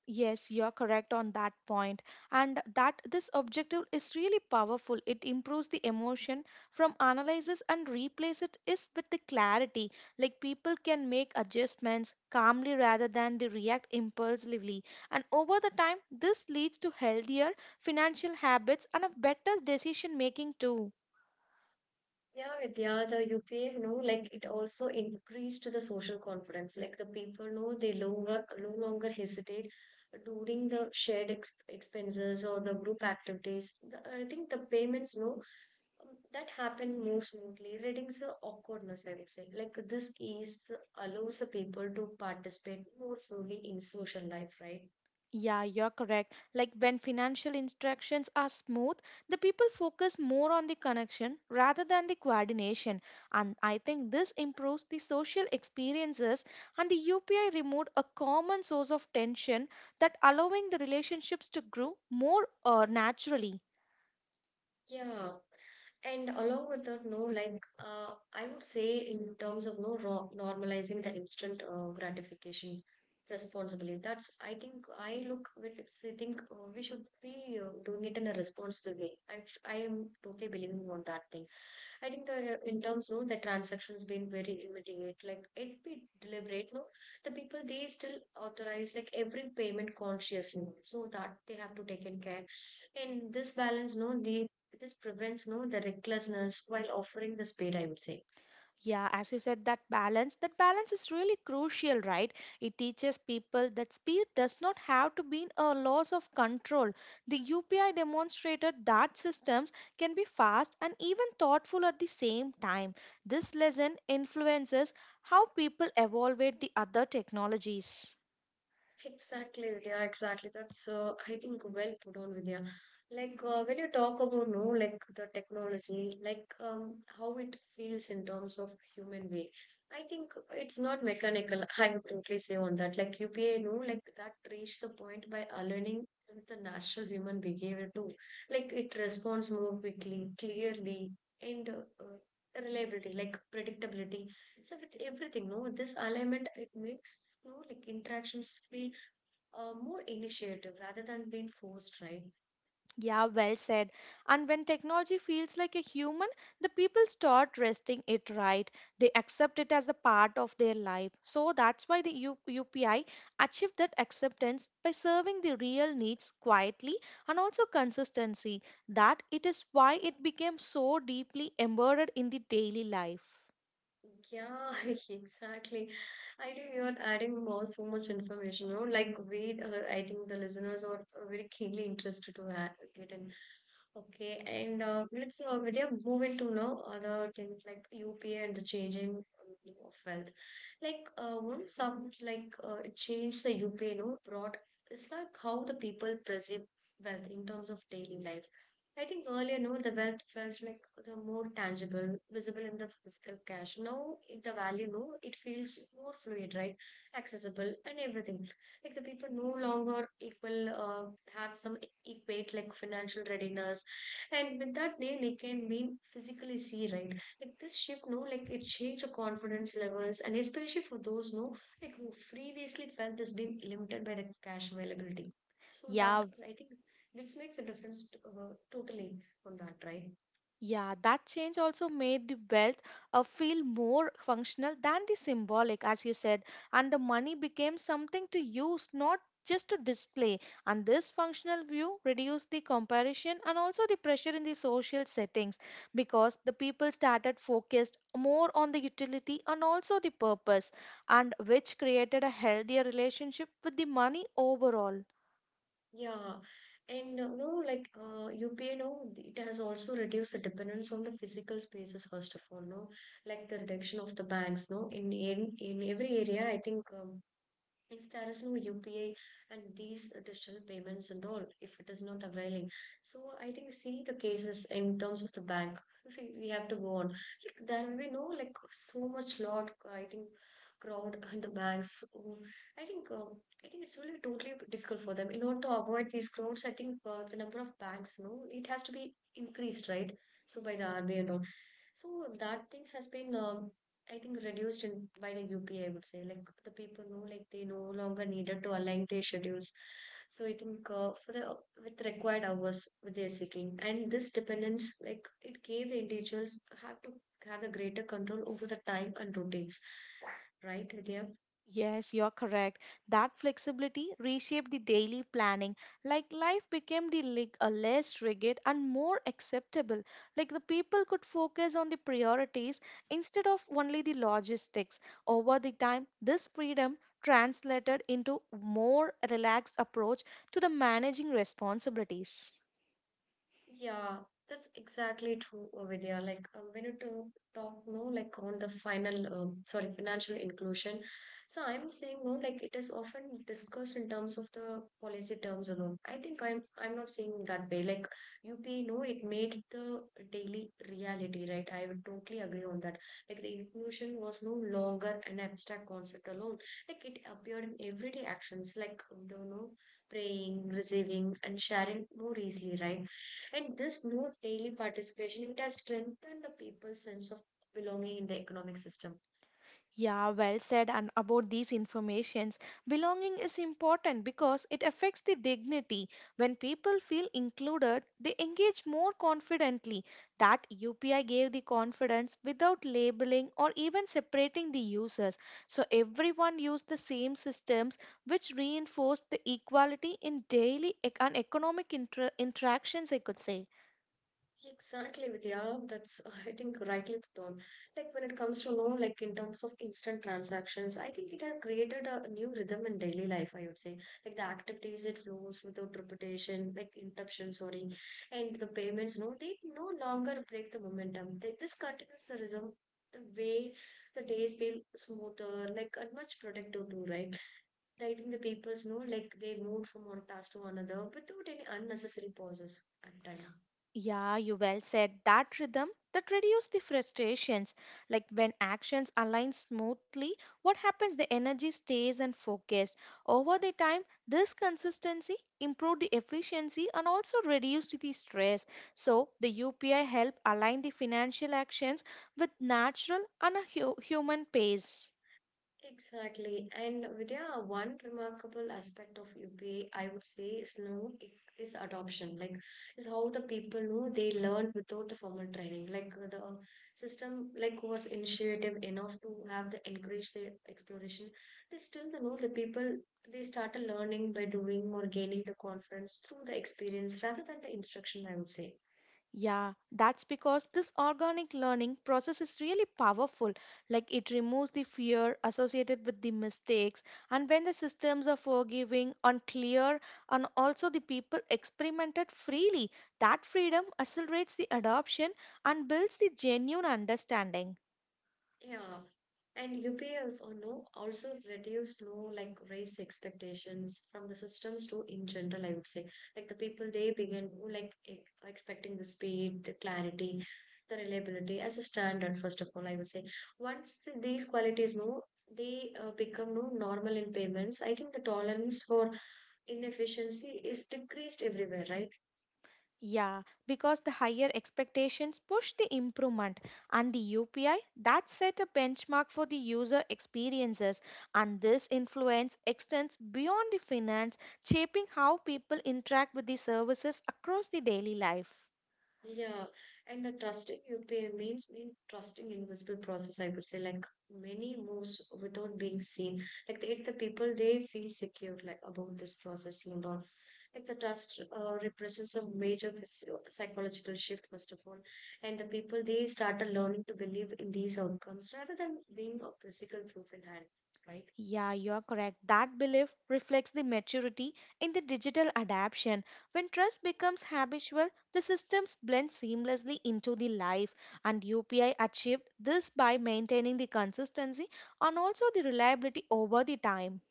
Speaker 2: Yes, you're correct on that point. And that this objective is really powerful. It improves the emotion from analysis and replace it is with the clarity. Like people can make adjustments calmly rather than they react impulsively. And over the time, this leads to healthier financial habits and a better decision making too.
Speaker 1: Yeah, Vidya, the UPI, you know, like it also increased the social confidence. Like the people know they no longer hesitate during the shared ex expenses or the group activities. The, I think the payments, no, that happened more smoothly. Reading's a awkwardness, I would say. Like this ease allows the people to participate more fully in social life, right?
Speaker 2: Yeah, you're correct. Like when financial instructions are smooth, the people focus more on the connection rather than the coordination. And I think this improves the social experiences, and the UPI removed a common source of tension, that allowing the relationships to grow more naturally.
Speaker 1: Yeah. And along with that, no, I would say, in terms of no ro- normalizing the instant gratification responsibly. That's I think I look with it's, I think we should be doing it in a responsible way. I am totally believing on that thing. I think the in terms no the transactions been very immediate, like it be deliberate no, the people they still authorize, like every payment consciously, so that they have to take in care, and this balance no they this prevents no the recklessness while offering the speed, I would say.
Speaker 2: Yeah, as you said, that balance is really crucial, right? It teaches people that speed does not have to be a loss of control. The UPI demonstrated that systems can be fast and even thoughtful at the same time. This lesson influences how people evaluate the other technologies.
Speaker 1: Exactly, Vidya, exactly. That's I think well put on, Vidya. Like when you talk about no, like the technology, like how it feels in terms of human way. I think it's not mechanical. [LAUGHS] I would totally say on that. Like UPA, no, like that reached the point by aligning with the natural human behavior too. Like it responds more quickly, clearly, and reliability, like predictability, it's with everything, no? This alignment, it makes you know, like interactions feel more initiative rather than being forced, right?
Speaker 2: Yeah, well said. And when technology feels like a human, the people start resting it right. They accept it as a part of their life. So that's why the UPI achieved that acceptance by serving the real needs quietly and also consistency. That it is why it became so deeply embedded in the daily life.
Speaker 1: Yeah, [LAUGHS] exactly. I think you're adding more so much information, you know. Like we, I think the listeners are very keenly interested to ha- get in. Okay, and let's Vidya move into now other things like UPA and the changing of wealth. Like one some like it changed the UPA, no, brought it's like how the people perceive wealth in terms of daily life. I think earlier, no, the wealth felt like the more tangible, visible in the physical cash. Now, if the value, no, it feels more fluid, right? Accessible and everything. Like the people no longer equal have some equate like financial readiness and with that name, they can mean physically see, right? Like this shift, no, like it changed the confidence levels, and especially for those, no, like who previously felt this being limited by the cash availability. So that
Speaker 2: Yeah.
Speaker 1: I think this makes a difference totally on that, right?
Speaker 2: Yeah, that change also made the wealth feel more functional than the symbolic, as you said, and the money became something to use, not just to display. And this functional view reduced the comparison and also the pressure in the social settings because the people started focused more on the utility and also the purpose, and which created a healthier relationship with the money overall.
Speaker 1: Yeah, and no, like UPI, no, it has also reduced the dependence on the physical spaces, first of all, no, like the reduction of the banks, no, in every area. I think if there is no UPI and these digital payments and all, if it is not availing. So I think see the cases in terms of the bank. If we have to go on, like, there will be no like so much lot. I think crowd in the banks. I think um, I think it's really totally difficult for them in order to avoid these crowds. I think the number of banks, no, it has to be increased, right? So by the RBI and all. So that thing has been I think reduced in by the UPI, would say. Like the people know, like they no longer needed to align their schedules. So I think for the with required hours what they're seeking, and this dependence, like it gave the individuals have to have a greater control over the time and routines, right, Elia?
Speaker 2: Yes, you're correct. That flexibility reshaped the daily planning. Like life became the less rigid and more acceptable. Like the people could focus on the priorities instead of only the logistics. Over the time, this freedom translated into more relaxed approach to the managing responsibilities.
Speaker 1: Yeah, that's exactly true over there. Like when you talk no, like on the financial inclusion. So I'm saying no, like it is often discussed in terms of the policy terms alone. I think I'm not saying that way. Like UP, no, it made the daily reality, right? I would totally agree on that. Like the inclusion was no longer an abstract concept alone. Like it appeared in everyday actions, like the no praying, receiving, and sharing more easily, right? And this new daily participation, it has strengthened the people's sense of belonging in the economic system.
Speaker 2: Yeah, well said. And about these informations, belonging is important because it affects the dignity. When people feel included, they engage more confidently. That UPI gave the confidence without labeling or even separating the users. So everyone used the same systems, which reinforced the equality in daily and economic interactions, I could say.
Speaker 1: Exactly, Vidya. That's I think rightly put on. Like when it comes to know, like in terms of instant transactions, I think it has created a new rhythm in daily life. I would say, like the activities it flows without repetition, like interruption, sorry, and the payments. No, they no longer break the momentum. They, this continues the rhythm, the way the days feel smoother, like and much productive too, right? Writing the papers, no, like they moved from one task to another without any unnecessary pauses at time.
Speaker 2: Yeah, you well said. That rhythm that reduces the frustrations. Like when actions align smoothly, what happens? The energy stays and focused. Over the time, this consistency improved the efficiency and also reduced the stress. So the UPI help align the financial actions with natural and a human pace.
Speaker 1: Exactly. And Vidya, one remarkable aspect of UPA, I would say, is no, is adoption. Like, is how the people know they learn without the formal training. Like the system, like was initiative enough to have the encourage the exploration. They still the know the people they started learning by doing or gaining the confidence through the experience rather than the instruction. I would say.
Speaker 2: Yeah, that's because this organic learning process is really powerful. Like it removes the fear associated with the mistakes, and when the systems are forgiving and clear, and also the people experimented freely, that freedom accelerates the adoption and builds the genuine understanding.
Speaker 1: Yeah, and UPS or no also reduced no like raise expectations from the systems too in general. I would say like the people they begin to like expecting the speed, the clarity, the reliability as a standard. First of all, I would say once these qualities no they become no normal in payments. I think the tolerance for inefficiency is decreased everywhere, right?
Speaker 2: Yeah, because the higher expectations push the improvement, and the UPI that set a benchmark for the user experiences, and this influence extends beyond the finance, shaping how people interact with the services across the daily life.
Speaker 1: Yeah, and the trusting you pay means mean trusting invisible process, I would say, like many moves without being seen. Like the people they feel secure like about this process and all. Like the trust represents a major psychological shift, first of all, and the people they started learning to believe in these outcomes rather than being a physical proof in hand, right?
Speaker 2: Yeah, you are correct. That belief reflects the maturity in the digital adaption. When trust becomes habitual, the systems blend seamlessly into the life, and UPI achieved this by maintaining the consistency and also the reliability over the time.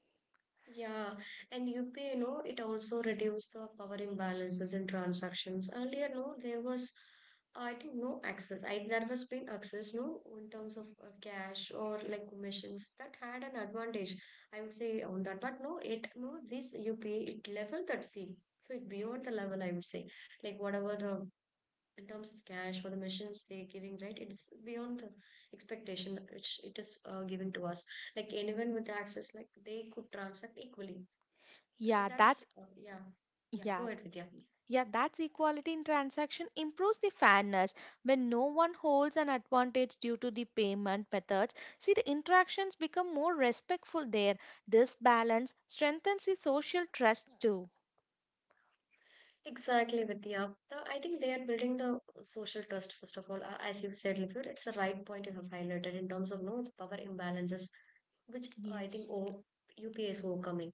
Speaker 1: Yeah, and UPI, no, it also reduced the power imbalances in transactions. Earlier, no, there was, I think, no access. I there was been access, no, in terms of cash or like commissions that had an advantage. I would say on that, but no, it no, this UPI it leveled that field. So it beyond the level, I would say, like whatever the in terms of cash or the machines they're giving, right? It's beyond the expectation which it is giving to us like anyone with access like they could transact equally
Speaker 2: Yeah,
Speaker 1: yeah. Yeah, go
Speaker 2: yeah,
Speaker 1: ahead, Vidya.
Speaker 2: yeah. that's equality in transaction improves the fairness when no one holds an advantage due to the payment methods. See, the interactions become more respectful there. This balance strengthens the social trust too.
Speaker 1: Exactly, Vidya. The, I think they are building the social trust, first of all. As you said, Lifur, it's the right point you have highlighted in terms of no the power imbalances, which I think
Speaker 2: Yes.
Speaker 1: o UPA is overcoming.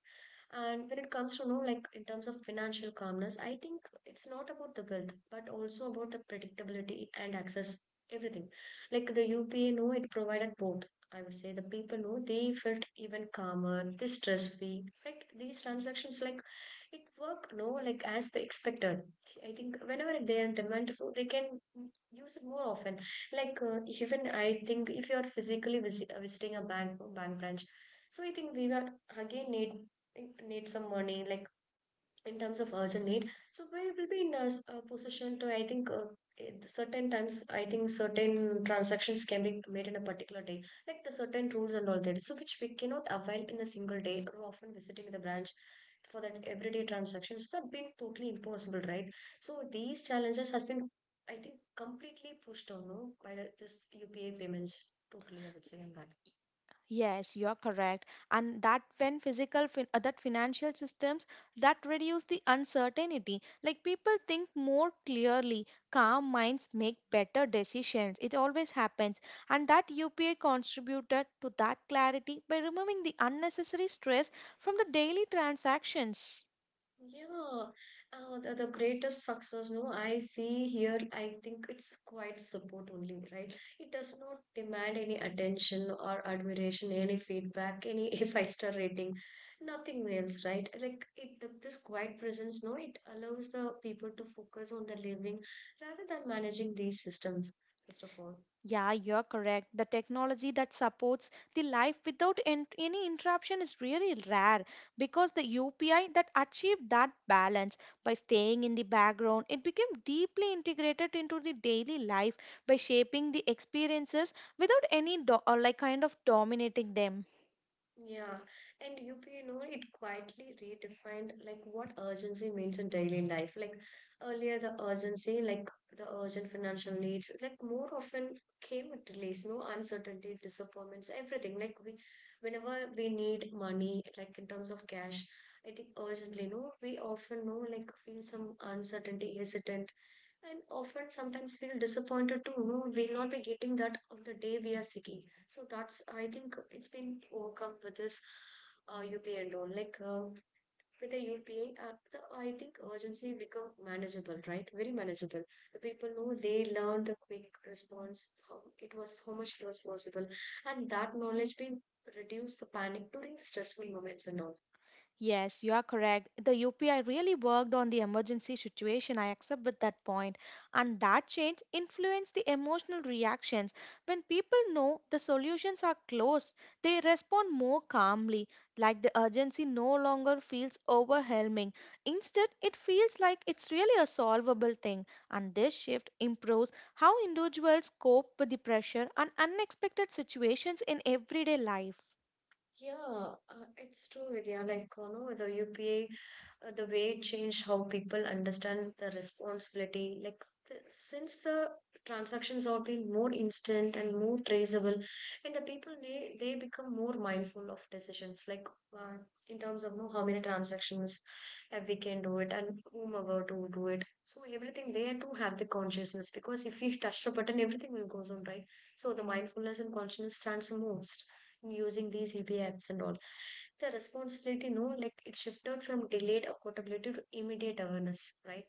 Speaker 1: And when it comes to, you know, like in terms of financial calmness, I think it's not about the wealth, but also about the predictability and access, everything. Like the UPA, no, it provided both. I would say the people know they felt even calmer, they stress free, right? These transactions, like it work, no, like as they expected. I think whenever they are in demand, so they can use it more often. Like even I think if you are physically visiting a bank branch, so I think we were again need think need some money, like in terms of urgent need. So we will be in a, a position to, I think, at certain times, I think certain transactions can be made in a particular day, like the certain rules and all that. So which we cannot avail in a single day. Or often visiting the branch for that everyday transactions that been totally impossible, right? So these challenges has been, I think, completely pushed on no, by the, this UPI payments. Totally, I would say on that.
Speaker 2: Yes, you're correct. And that when physical, that financial systems that reduce the uncertainty. Like people think more clearly, calm minds make better decisions. It always happens. And that UPI contributed to that clarity by removing the unnecessary stress from the daily transactions.
Speaker 1: Yeah, the greatest success, no, I see here, I think it's quite support only, right? It does not demand any attention or admiration, any feedback, any [LAUGHS] five-star rating, nothing else, right? Like it, the, this quiet presence, no, it allows the people to focus on the living rather than managing these systems, first of all.
Speaker 2: Yeah, you're correct. The technology that supports the life without any interruption is really rare because the UPI that achieved that balance by staying in the background, it became deeply integrated into the daily life by shaping the experiences without any or like kind of dominating them.
Speaker 1: Yeah, and UP, you know, it quietly redefined like what urgency means in daily life. Like earlier, the urgency, like the urgent financial needs, like more often came with delays, no uncertainty, disappointments, everything. Like we, whenever we need money, like in terms of cash, I think urgently, no, we often know like feel some uncertainty, hesitant, and often sometimes feel disappointed too. No, we'll not be getting that on the day we are seeking. So that's I think it's been overcome with this UPI loan. Like with the UPI, the, I think urgency become manageable, right? Very manageable. The people know they learned the quick response. How it was, how much it was possible, and that knowledge being reduce the panic during the stressful moments and all.
Speaker 2: Yes, you are correct. The UPI really worked on the emergency situation. I accept with that point. And that change influenced the emotional reactions. When people know the solutions are close, they respond more calmly, like the urgency no longer feels overwhelming. Instead, it feels like it's really a solvable thing. And this shift improves how individuals cope with the pressure and unexpected situations in everyday life.
Speaker 1: Yeah, it's true, Vidya. Like, you know, the UPA, the way it changed how people understand the responsibility. Like, since the transactions have been more instant and more traceable, and the people they become more mindful of decisions. Like, uh, in terms of you know, how many transactions we can do it and whomever to do it. So everything they have to have the consciousness because if we touch the button, everything will goes on, right? So the mindfulness and consciousness stands the most using these EV apps and all. The responsibility, no, like it shifted from delayed accountability to immediate awareness, right?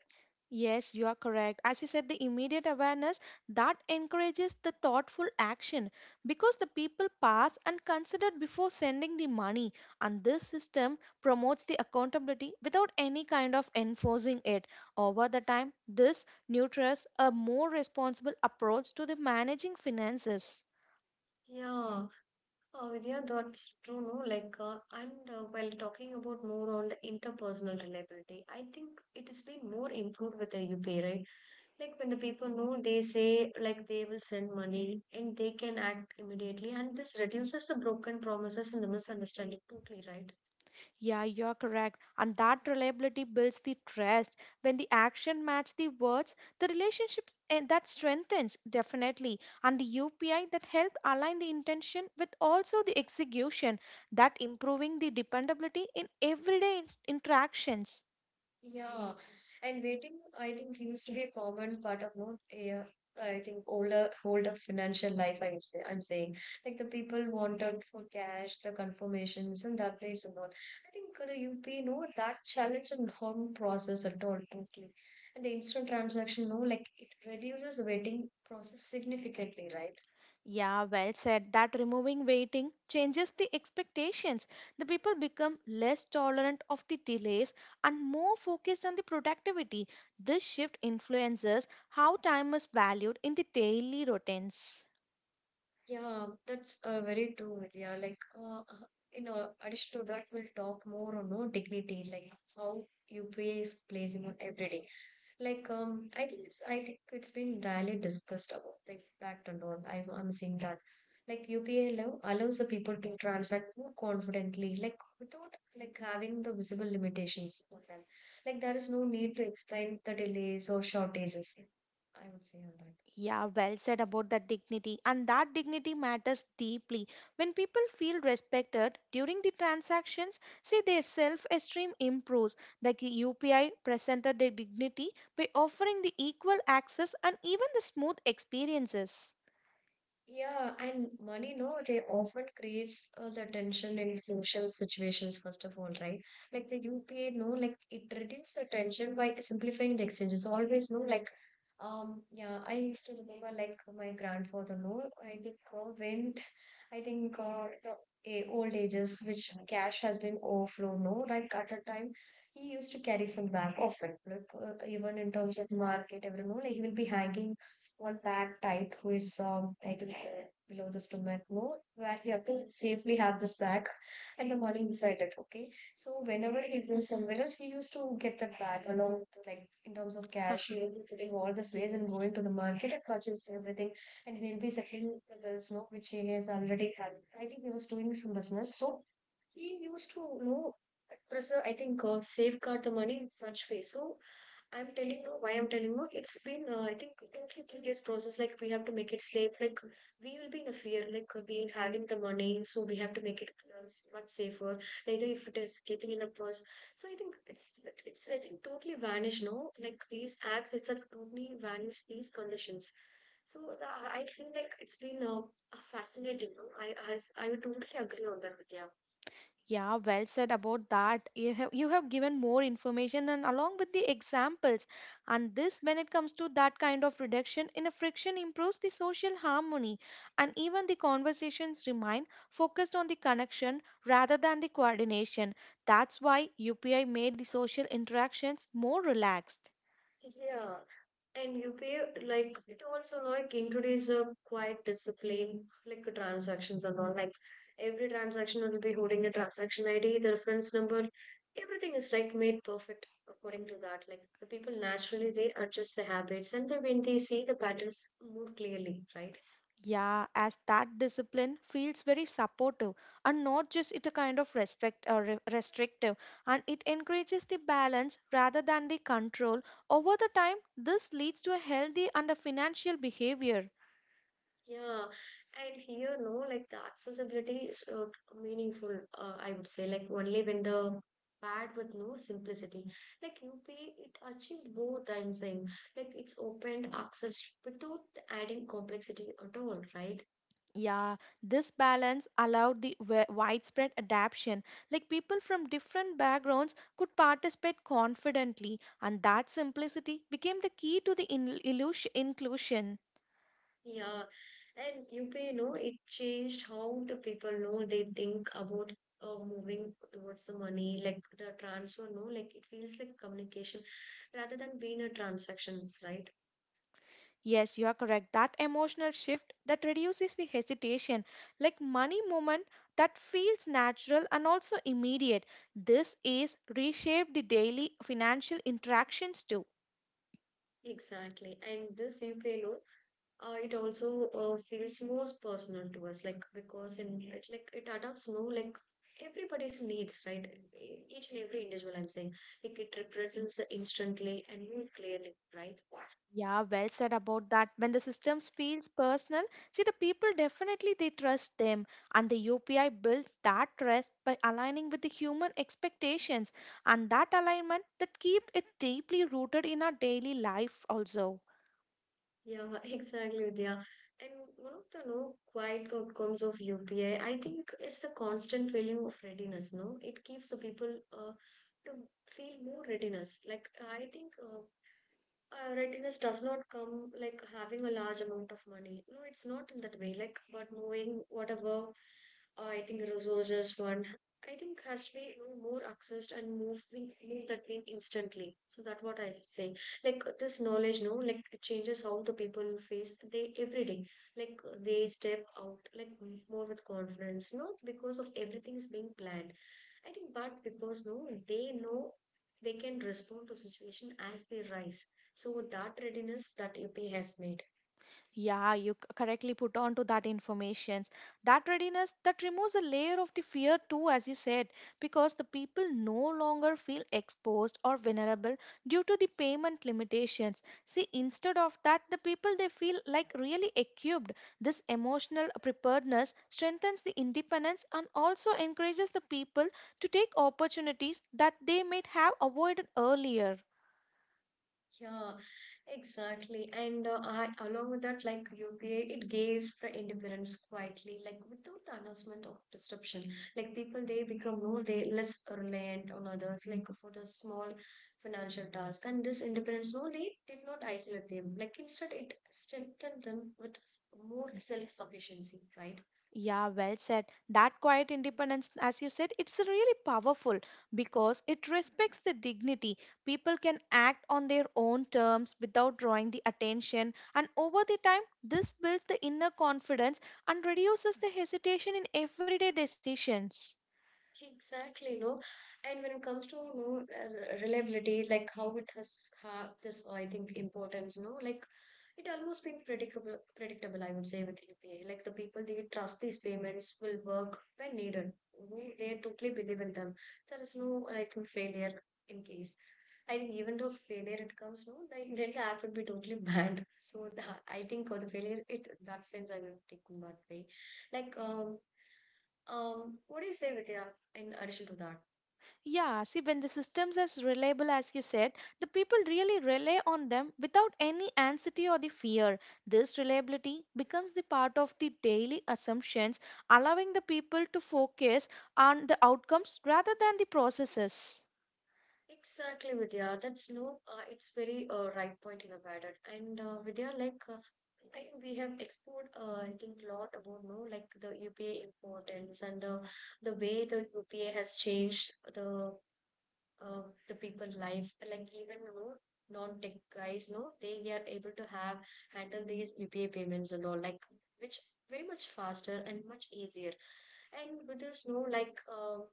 Speaker 2: Yes, you are correct. As you said, the immediate awareness that encourages the thoughtful action because the people pass and consider before sending the money, and this system promotes the accountability without any kind of enforcing it. Over the time, this nurtures a more responsible approach to the managing finances.
Speaker 1: Yeah, Vidya, that's true, no? Like, and while talking about more on the interpersonal reliability, I think it has been more improved with the UPI, right? Like, when the people know, they say, like, they will send money and they can act immediately, and this reduces the broken promises and the misunderstanding totally, right?
Speaker 2: Yeah, you're correct. And that reliability builds the trust. When the action match the words, the relationships and that strengthens definitely. And the UPI that helped align the intention with also the execution, that improving the dependability in everyday interactions.
Speaker 1: Yeah, and waiting, I think, used to be a common part of not yeah, I think older financial life. I would say I'm saying like the people wanted for cash, the confirmations, and that place and all. I think the UP no that challenge and home process at all totally, and the instant transaction no like it reduces the waiting process significantly, right?
Speaker 2: Yeah, well said. That removing waiting changes the expectations. The people become less tolerant of the delays and more focused on the productivity. This shift influences how time is valued in the daily routines.
Speaker 1: Yeah, that's very true, Vidya. Like, in addition to that, we'll talk more on no dignity, like how UPI is placing on every day. Like, I think it's been rarely discussed about the impact and all. I'm seeing that. Like, allows the people to transact more confidently, like without like having the visible limitations on them. Like, there is no need to explain the delays or shortages. I would say on that.
Speaker 2: Yeah, well said about that dignity. And that dignity matters deeply. When people feel respected during the transactions, see their self esteem improves. The UPI presented their dignity by offering the equal access and even the smooth experiences.
Speaker 1: Yeah, and money, no, they often creates the tension in social situations, first of all, right? Like the UPA, no, like it reduces the tension by simplifying the exchanges. Always, no, like, yeah, I used to remember, like, my grandfather, no, I think the old ages, which cash has been overflow, no, like at a time, he used to carry some bag often, like, even in terms of market, everyone, like, he will be hanging one bag tied to his title belt below the stomach no where he have safely have this bag and the money beside it, okay. So whenever he goes
Speaker 2: Mhm.
Speaker 1: somewhere else, he used to get that bag along with, like, in terms of cash, he will be putting all
Speaker 2: [LAUGHS]
Speaker 1: this ways and
Speaker 2: Yes.
Speaker 1: going to the market and purchasing everything. And he'll be settling the bills, no, which he has already had. I think he was doing some business, so he used to, you know, preserve, I think safeguard the money in such way. So I'm telling you why I'm telling you. It's been, I think, totally tedious process. Like, we have to make it safe. Like, we will be in a fear. Like, we having the money, so we have to make it much safer. Neither if it is getting in a purse. So I think it's totally vanished, no? Like, these apps itself totally vanished these conditions. So I feel like it's been fascinating. No? I totally agree on that with you.
Speaker 2: Yeah, well said about that. You have given more information and along with the examples. And this when it comes to that kind of reduction in a friction improves the social harmony and even the conversations remain focused on the connection rather than the coordination. That's why UPI made the social interactions more relaxed.
Speaker 1: Yeah. And you pay, like it also like introduce a quite discipline, like transactions and all. Like every transaction will be holding a transaction ID, the reference number, everything is like made perfect according to that. Like the people naturally they adjust their habits and they, when they see the patterns more clearly, right?
Speaker 2: Yeah, as that discipline feels very supportive and not just it a kind of respect or restrictive, and it encourages the balance rather than the control. Over the time, this leads to a healthy and a financial behavior.
Speaker 1: Yeah, and here, no, like the accessibility is meaningful, I would say, like only when the paired with no simplicity. Like U P, it achieved both, I'm saying. Like it's opened access without adding complexity at all, right?
Speaker 2: Yeah, this balance allowed the widespread adaption. Like people from different backgrounds could participate confidently, and that simplicity became the key to the inclusion.
Speaker 1: Yeah, and U P, you know, it changed how the people know they think about moving towards the money, like the transfer, no, like it feels like communication rather than being a transactions, right?
Speaker 2: Yes, you are correct. That emotional shift that reduces the hesitation, like money movement that feels natural and also immediate. This is reshape the daily financial interactions too.
Speaker 1: Exactly. And this UPI it also feels most personal to us, like because in it like it adapts, no, like everybody's needs, right? E- Each and every individual I'm saying. Like it represents instantly and more clearly, right?
Speaker 2: Yeah, well said about that. When the systems feels personal, see the people definitely they trust them, and the UPI builds that trust by aligning with the human expectations, and that alignment that keep it deeply rooted in our daily life also.
Speaker 1: Yeah, [LAUGHS] exactly, Vidya. And one of the no quiet outcomes of UPI, I think is the constant feeling of readiness, no? It keeps the people to feel more readiness. Like I think readiness does not come like having a large amount of money. No, it's not in that way. Like, but knowing whatever I think resources one, I think has to be, you know, more accessed and moving move that thing instantly. So that what I say. Like this knowledge, no, like it changes how the people face they every day. Like they step out like more with confidence, not because of everything is being planned. I think, but because no, they know they can respond to situation as they rise, so that readiness that UPA has made.
Speaker 2: Yeah, you correctly put on to that informations. That readiness that removes a layer of the fear too, as you said, because the people no longer feel exposed or vulnerable due to the payment limitations. See, instead of that, the people they feel like really equipped. This emotional preparedness strengthens the independence and also encourages the people to take opportunities that they might have avoided earlier.
Speaker 1: Yeah, exactly. And I, along with that, like UPA, it gives the independence quietly, like without the announcement of disruption. Like people, they become more, they less reliant on others, like for the small financial task. And this independence, no, they did not isolate them. Like instead, it strengthened them with more self-sufficiency, right?
Speaker 2: Yeah, well said. That quiet independence, as you said, it's really powerful because it respects the dignity. People can act on their own terms without drawing the attention, and over the time, this builds the inner confidence and reduces the hesitation in everyday decisions.
Speaker 1: Exactly, no. And when it comes to, you know, reliability, like how it has have this, I think, importance, no, like it almost being predictable, I would say, with UPI. Like the people they trust these payments will work when needed. You know, they totally believe in them. There is no like failure in case. I think even though failure it comes, no, like then the app would be totally banned. [LAUGHS] So the, I think for the failure, it that sense I will take in that way. Like what do you say, Vidya, in addition to that?
Speaker 2: Yeah, see, when the system's as reliable as you said, the people really rely on them without any anxiety or the fear. This reliability becomes the part of the daily assumptions, allowing the people to focus on the outcomes rather than the processes.
Speaker 1: Exactly, Vidya. That's no, it's very right point you have added. And Vidya, like, I think we have explored, I think, a lot about, no, like the UPA importance and the way the UPA has changed the people life. Like even, you know, non-tech guys, no, they are able to have handle these UPA payments and all, like, which very much faster and much easier. And with this, no, like,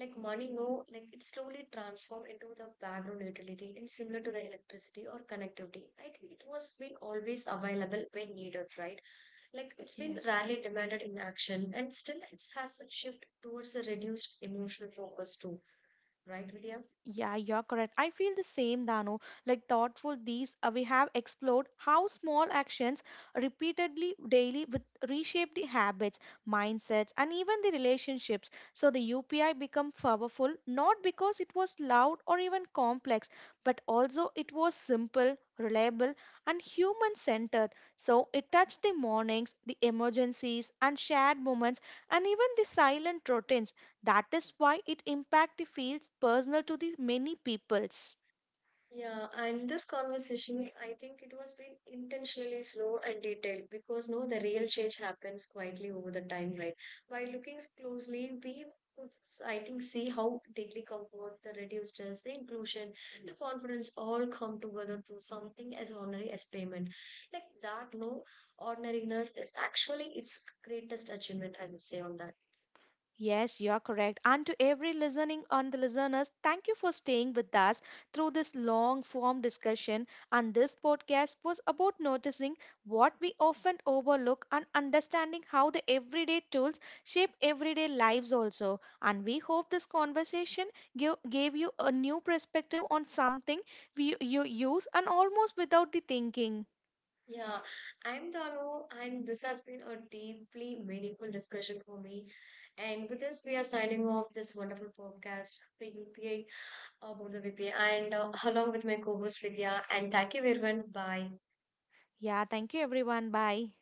Speaker 1: like money no like it slowly transformed into the background utility and similar to the electricity or connectivity. I think it was been always available when needed, right? Like it's been
Speaker 2: Yes.
Speaker 1: rarely demanded in action, and still it has a shift towards a reduced emotional focus too, right, Vidya?
Speaker 2: Yeah, you're correct. I feel the same, Dano. Like thoughtful, these we have explored how small actions repeatedly daily with reshape the habits, mindsets, and even the relationships. So the UPI become powerful not because it was loud or even complex, but also it was simple, reliable, and human-centered. So it touched the mornings, the emergencies, and shared moments, and even the silent routines. That is why it impact fields personal to the many peoples.
Speaker 1: Yeah, and this conversation, I think it was been intentionally slow and detailed because no, the real change happens quietly over the time, right? By looking closely, we could, I think, see how daily comfort, the reduced stress, the inclusion, the confidence all come together through something as ordinary as payment. Like that, no, ordinariness is actually its greatest achievement, I would say, on that.
Speaker 2: Yes, you are correct. And to every listening on the listeners, thank you for staying with us through this long form discussion. And this podcast was about noticing what we often overlook and understanding how the everyday tools shape everyday lives also. And we hope this conversation gave you a new perspective on something we you use and almost without the thinking.
Speaker 1: Yeah, I'm Dano, and this has been a deeply meaningful discussion for me. And with this, we are signing off this wonderful podcast for UPA, for the VPA, and along with my co host Vidya. And thank you, everyone. Bye.
Speaker 2: Yeah, thank you everyone. Bye.